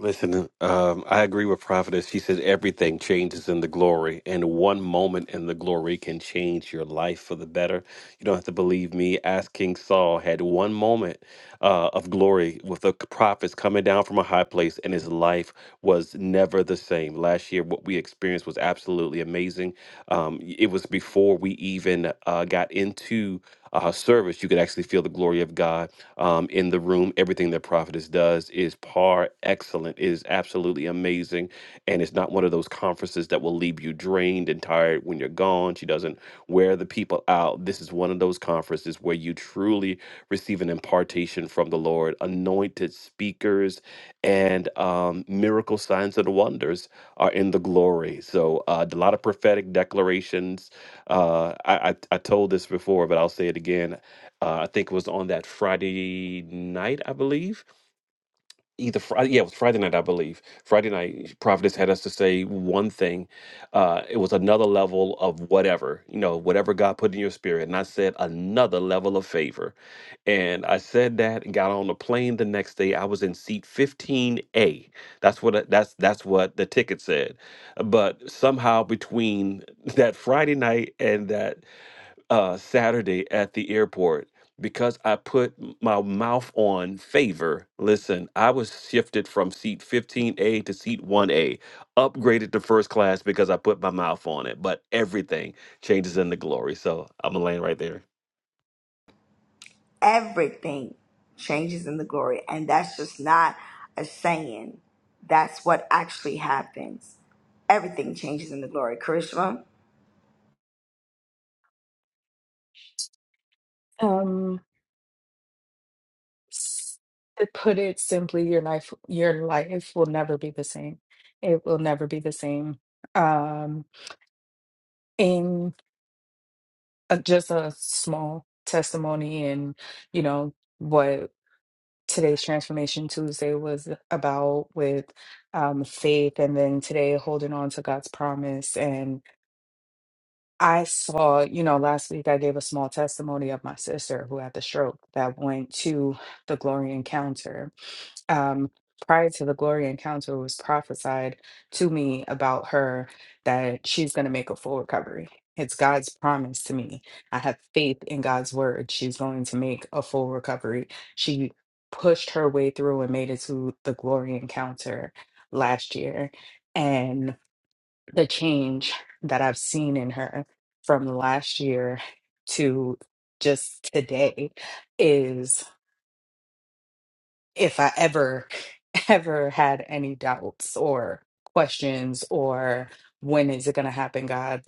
S3: Listen, um, I agree with Prophetess. She says everything changes in the glory, and one moment in the glory can change your life for the better. You don't have to believe me. As King Saul had one moment uh, of glory with the prophets coming down from a high place, and his life was never the same. Last year, what we experienced was absolutely amazing. Um, it was before we even uh, got into uh, service, you could actually feel the glory of God um, in the room. Everything that Prophetess does is par excellent, is absolutely amazing. And it's not one of those conferences that will leave you drained and tired when you're gone. She doesn't wear the people out. This is one of those conferences where you truly receive an impartation from the Lord, anointed speakers, and um, miracle signs and wonders are in the glory. So, uh, a lot of prophetic declarations. Uh, I, I, I told this before, but I'll say it again. Uh, I think it was on that Friday night, I believe. Either Friday, yeah, it was Friday night, I believe. Friday night, Providence had us to say one thing. Uh, it was another level of whatever, you know, whatever God put in your spirit. And I said another level of favor. And I said that and got on the plane the next day. I was in seat 15A. That's what I- that's that's what the ticket said. But somehow between that Friday night and that uh, Saturday at the airport because I put m- my mouth on favor. Listen, I was shifted from seat 15A to seat 1A, upgraded to first class because I put my mouth on it. But everything changes in the glory. So I'm going to land right there.
S1: everything changes in the glory. And that's just not a saying. That's what actually happens. Everything changes in the glory. Karishma,
S4: Um, S- To put it simply, your life your life will never be the same. It will never be the same. Um, in uh just a small testimony, and you know what today's transformation Tuesday was about with um, faith, and then today holding on to God's promise. And I saw, you know, last week I gave a small testimony of my sister who had the stroke that went to the glory encounter um, prior to the glory encounter, it was prophesied to me about her that she's going to make a full recovery. It's God's promise to me. I have faith in God's word. She's going to make a full recovery. She pushed her way through and made it to the glory encounter last year. And the change that I've seen in her from last year to just today is if I ever, ever had any doubts or questions or when is it going to happen, God,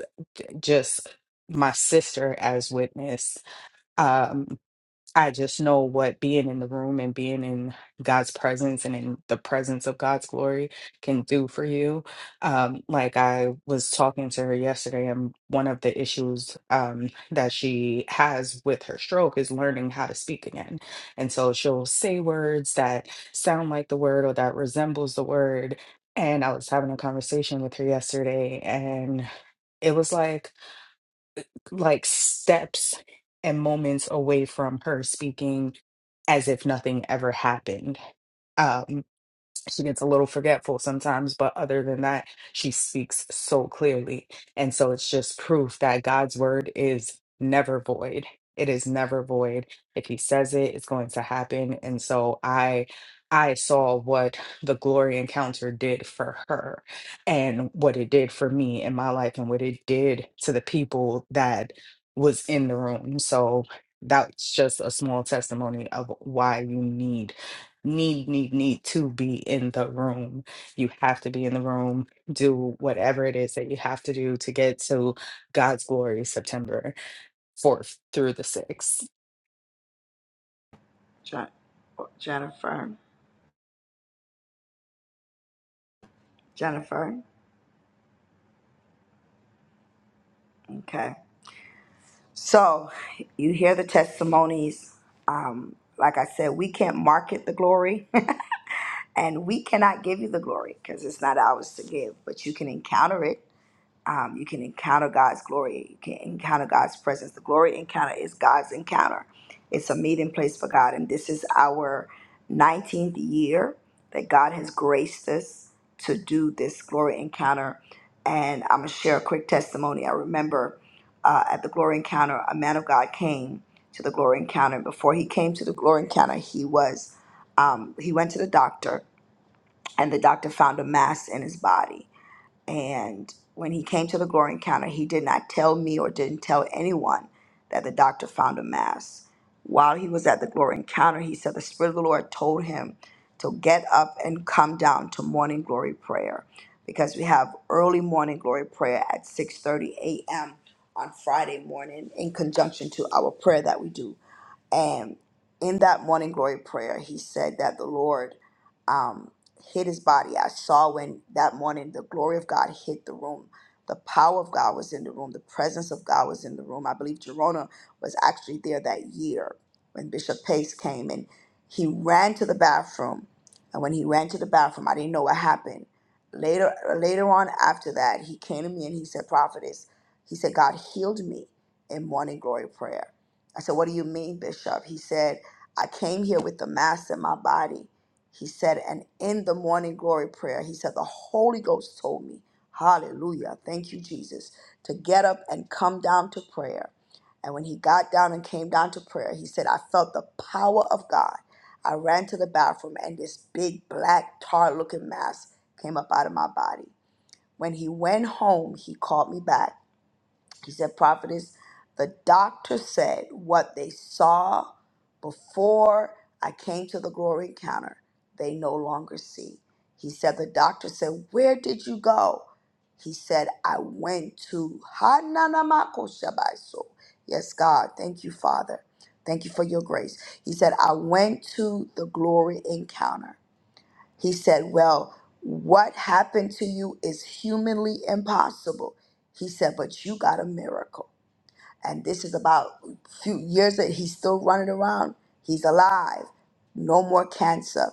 S4: just my sister as witness. um, I just know what being in the room and being in God's presence and in the presence of God's glory can do for you. Um, like I was talking to her yesterday, and one of the issues um, that she has with her stroke is learning how to speak again. And so she'll say words that sound like the word or that resembles the word. And I was having a conversation with her yesterday, and it was like, like steps and moments away from her speaking as if nothing ever happened. Um, she gets a little forgetful sometimes, but other than that, she speaks so clearly. And so it's just proof that God's word is never void. It is never void. If he says it, it's going to happen. And so I I saw what the glory encounter did for her and what it did for me in my life and what it did to the people that was in the room. So that's just a small testimony of why you need need, need, need to be in the room. You have to be in the room, do whatever it is that you have to do to get to God's glory September 4th through the 6th.
S1: Je- Jennifer, Jennifer. Okay. So you hear the testimonies. Um, like I said, we can't market the glory and we cannot give you the glory because it's not ours to give, but you can encounter it um, you can encounter God's glory. You can encounter God's presence. The glory encounter is God's encounter. It's a meeting place for God, and this is our 19th year that God has graced us to do this glory encounter. And I'm gonna share a quick testimony. I remember uh, at the glory encounter, a man of God came to the glory encounter. Before he came to the glory encounter, he was um, he went to the doctor, and the doctor found a mass in his body and when he came to the glory encounter, he did not tell me or didn't tell anyone that the doctor found a mass. While he was at the glory encounter, he said the Spirit of the Lord told him to get up and come down to morning glory prayer because we have early morning glory prayer at 6:30 a.m. on Friday morning in conjunction to our prayer that we do and in that morning glory prayer, he said that the Lord um, hit his body. I saw when that morning the glory of God hit the room. The power of God was in the room. The presence of God was in the room. I believe Gerona was actually there that year when Bishop Pace came and he ran to the bathroom. And when he ran to the bathroom, I didn't know what happened. Later, later on after that, he came to me and he said, Prophetess, he said, God healed me in morning glory prayer. I said, What do you mean, Bishop? He said, I came here with the mass in my body. He said, and in the morning glory prayer, he said, The Holy Ghost told me, Hallelujah, thank you, Jesus, to get up and come down to prayer. And when he got down and came down to prayer, he said, I felt the power of God. I ran to the bathroom and this big black tar looking mass came up out of my body. When he went home, he called me back he said, Prophetess, the doctor said what they saw before I came to the glory encounter, they no longer see. He said, The doctor said, Where did you go? He said, I went to Hananamako Shabaiso. Yes, God. Thank you, Father. Thank you for your grace. He said, I went to the glory encounter. He said, Well, what happened to you is humanly impossible. He said, But you got a miracle. And this is about a few years that he's still running around. He's alive. No more cancer.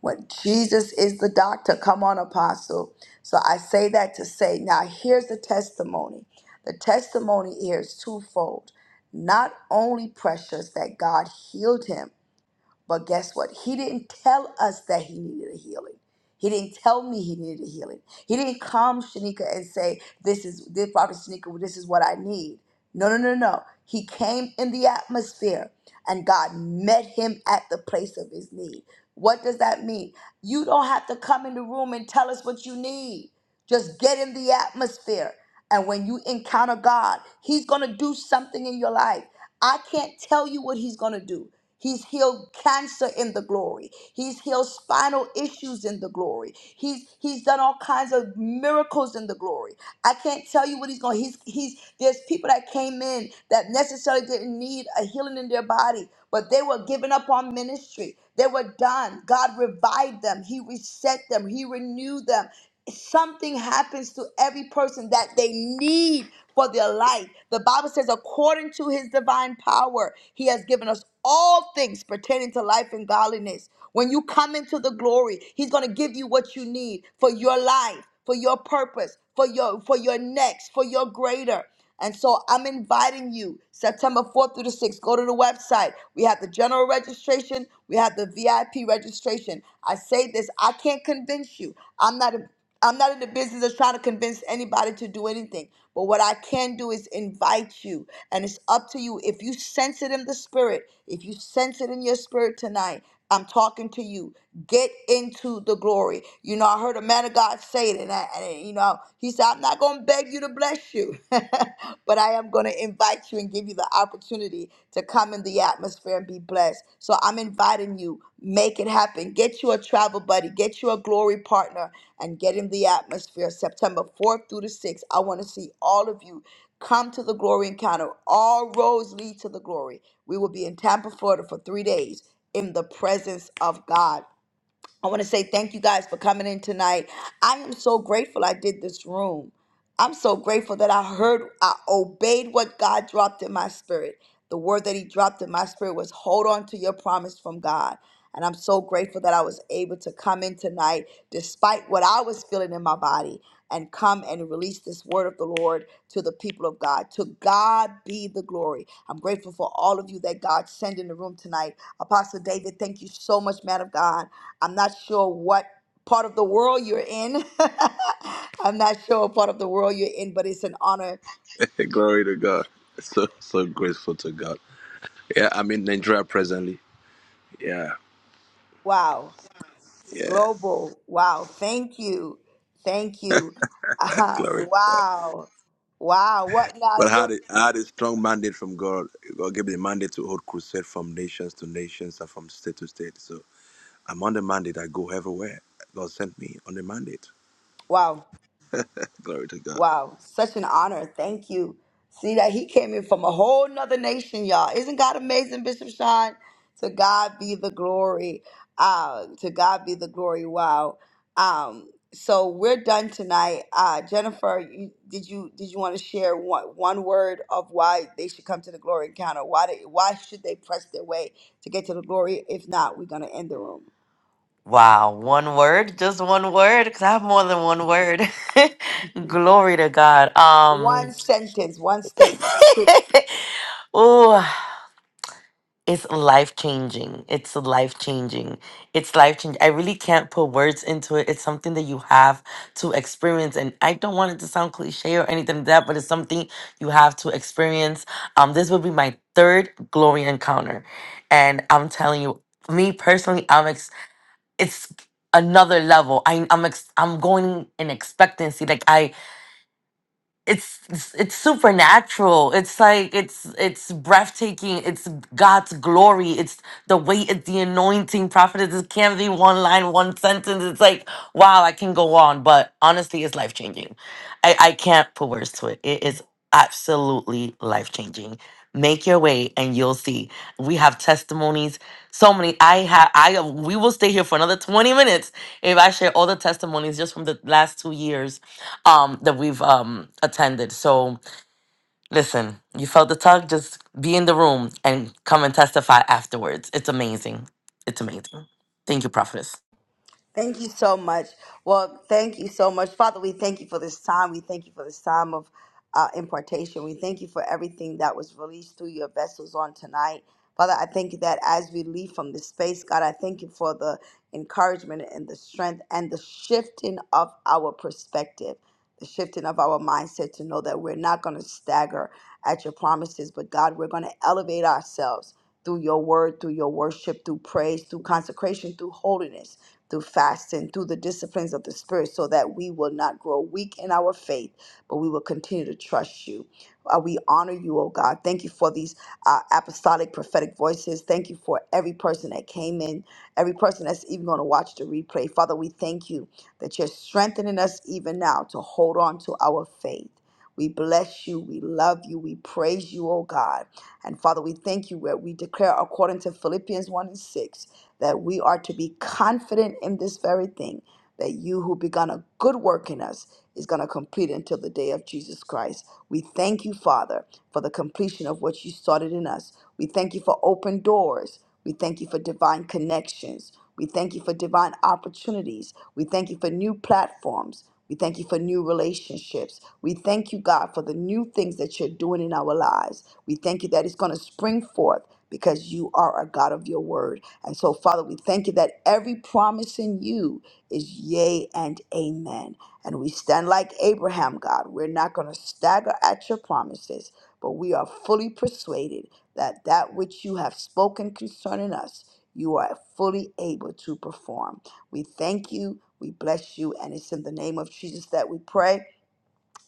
S1: When Jesus is the doctor, come on, apostle. So I say that to say, now here's the testimony. The testimony here is twofold. Not only precious that God healed him, but guess what? He didn't tell us that he needed a healing. He didn't tell me he needed a healing. He didn't come Shanika and say, This is this prophet Shanika, this is what I need. No, no, no, no. He came in the atmosphere and God met him at the place of his need. What does that mean? You don't have to come in the room and tell us what you need. Just get in the atmosphere. And when you encounter God, He's going to do something in your life. I can't tell you what He's going to do. He's healed cancer in the glory. He's healed spinal issues in the glory. He's he's done all kinds of miracles in the glory. I can't tell you what he's going. He's he's there's people that came in that necessarily didn't need a healing in their body, but they were giving up on ministry. They were done. God revived them, He reset them, He renewed them. Something happens to every person that they need for their life. The Bible says, according to His divine power, He has given us all things pertaining to life and godliness. When you come into the glory, He's going to give you what you need for your life, for your purpose for your for your next, for your greater. And so I'm inviting you September 4th through the 6th. Go to the website. We have the general registration, we have the VIP registration. I say this, I can't convince you. I'm not a I'm not in the business of trying to convince anybody to do anything. But what I can do is invite you. And it's up to you. If you sense it in the spirit, if you sense it in your spirit tonight, I'm talking to you. Get into the glory. You know, I heard a man of God say it, and, I, and you know, he said, "I'm not going to beg you to bless you, but I am going to invite you and give you the opportunity to come in the atmosphere and be blessed." So I'm inviting you. Make it happen. Get you a travel buddy. Get you a glory partner, and get in the atmosphere. September 4th through the 6th. I want to see all of you come to the glory encounter. All roads lead to the glory. We will be in Tampa, Florida, for three days in the presence of God. I want to say thank you guys for coming in tonight. I am so grateful I did this room. I'm so grateful that I heard, I obeyed what God dropped in my spirit. The word that He dropped in my spirit was hold on to your promise from God. And I'm so grateful that I was able to come in tonight, despite what I was feeling in my body, and come and release this word of the Lord to the people of God. To God be the glory. I'm grateful for all of you that God sent in the room tonight. Apostle David, thank you so much, man of God. I'm not sure what part of the world you're in. I'm not sure what part of the world you're in, but it's an honor.
S11: Glory to God. So so grateful to God. Yeah, I'm in Nigeria presently. Yeah,
S1: Wow.
S11: yeah.
S1: Global. Wow. Thank you. Thank you. Uh-huh.
S11: Glory. to
S1: Wow. Wow. What now?
S11: But I had
S1: You're
S11: a, I had a strong mandate from God. God gave me the mandate to hold crusade from nations to nations and from state to state. So I'm on the mandate. I go everywhere. God sent me on the mandate.
S1: wow.
S11: Glory to God.
S1: Wow, such an honor. Thank you. See that he came in from a whole nother nation, y'all. Isn't God amazing, Bishop Sean? To God be the glory. Uh, to God be the glory. Wow. Um, so we're done tonight. Uh, Jennifer, you, did you did you want to share one, one word of why they should come to the glory encounter? Why did, why should they press their way to get to the glory? If not, we're gonna end the room.
S7: Wow, one word? Just one word? Because I have more than one word. Glory to God.
S1: One
S7: Um
S1: sentence, one statement.
S7: oh, it's life changing. It's life changing. It's life changing. I really can't put words into it. It's something that you have to experience. And I don't want it to sound cliche or anything like that, but it's something you have to experience. Um, this will be my third glory encounter. And I'm telling you, me personally, I'm it's another level. I, I'm ex- I'm going in expectancy. Like I it's it's it's supernatural it's like it's it's breathtaking it's god's glory it's the weight it's the anointing prophet it can't be one line one sentence it's like wow i can go on but honestly it's life changing i i can't put words to it it is absolutely life changing make your way and you'll see we have testimonies so many i have i we will stay here for another 20 minutes if i share all the testimonies just from the last two years um that we've um attended. So listen, you felt the tug, just be in the room and come and testify afterwards. It's amazing. It's amazing. Thank you, Prophetess.
S1: Thank you so much. Well, thank you so much. Father, we thank you for this time. We thank you for this time of uh, impartation. We thank you for everything that was released through your vessels on tonight. Father, I thank you that as we leave from this space, God, I thank you for the encouragement and the strength and the shifting of our perspective, the shifting of our mindset to know that we're not going to stagger at your promises, but God, we're going to elevate ourselves through your word, through your worship, through praise, through consecration, through holiness through fasting, through the disciplines of the Spirit, so that we will not grow weak in our faith, but we will continue to trust you. Uh, we honor you, oh God. Thank you for these uh, apostolic prophetic voices. Thank you for every person that came in, every person that's even going to watch the replay. Father, we thank you that you're strengthening us even now to hold on to our faith. We bless you. We love you. We praise you, oh God. And Father, we thank you where we declare according to Philippians 1 and 6 that we are to be confident in this very thing that you who begun a good work in us is going to complete it until the day of Jesus Christ. We thank you, Father, for the completion of what you started in us. We thank you for open doors. We thank you for divine connections. We thank you for divine opportunities. We thank you for new platforms. We thank you for new relationships. We thank you, God, for the new things that you're doing in our lives. We thank you that it's going to spring forth because you are a God of your word. And so, Father, we thank you that every promise in you is yea and amen. And we stand like Abraham, God. We're not going to stagger at your promises, but we are fully persuaded that that which you have spoken concerning us, you are fully able to perform. We thank you. We bless you. And it's in the name of Jesus that we pray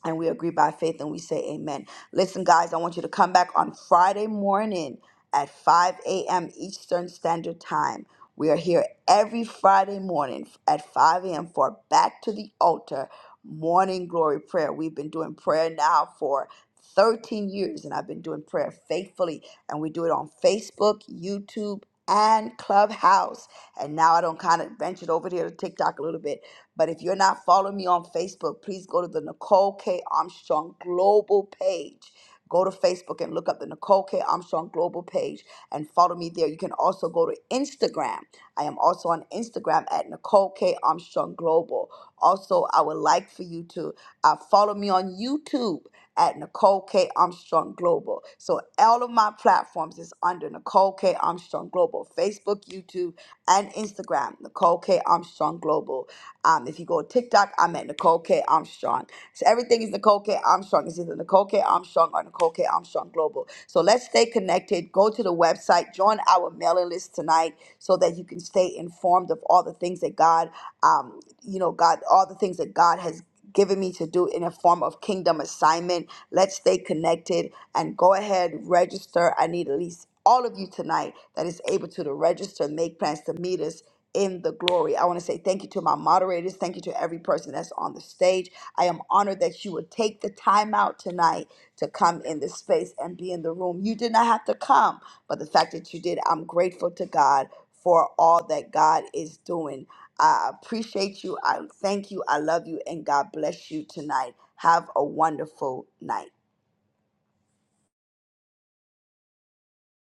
S1: and we agree by faith and we say amen. Listen, guys, I want you to come back on Friday morning at 5 a.m. Eastern Standard Time. We are here every Friday morning at 5 a.m. for Back to the Altar Morning Glory Prayer. We've been doing prayer now for 13 years, and I've been doing prayer faithfully, and we do it on Facebook, YouTube, and Clubhouse. And now I don't kind of ventured over here to TikTok a little bit but if you're not following me on Facebook, please go to the Nicole K. Armstrong Global page. Go to Facebook and look up the Nicole K. Armstrong Global page and follow me there. You can also go to Instagram. I am also on Instagram at Nicole K. Armstrong Global. Also, I would like for you to uh, follow me on YouTube at Nicole K. Armstrong Global. So, all of my platforms is under Nicole K. Armstrong Global Facebook, YouTube, and Instagram, Nicole K. Armstrong Global. Um, if you go to TikTok, I'm at Nicole K. Armstrong. So everything is Nicole K. Armstrong. It's either Nicole K. Armstrong or Nicole K. Armstrong Global. So let's stay connected. Go to the website, join our mailing list tonight so that you can stay informed of all the things that God, um, you know, God, all the things that God has given me to do in a form of kingdom assignment. Let's stay connected and go ahead, register. I need at least all of you tonight that is able to, to register and make plans to meet us in the glory. I want to say thank you to my moderators. Thank you to every person that's on the stage. I am honored that you would take the time out tonight to come in this space and be in the room. You did not have to come, but the fact that you did, I'm grateful to God for all that God is doing. I appreciate you. I thank you. I love you. And God bless you tonight. Have a wonderful night.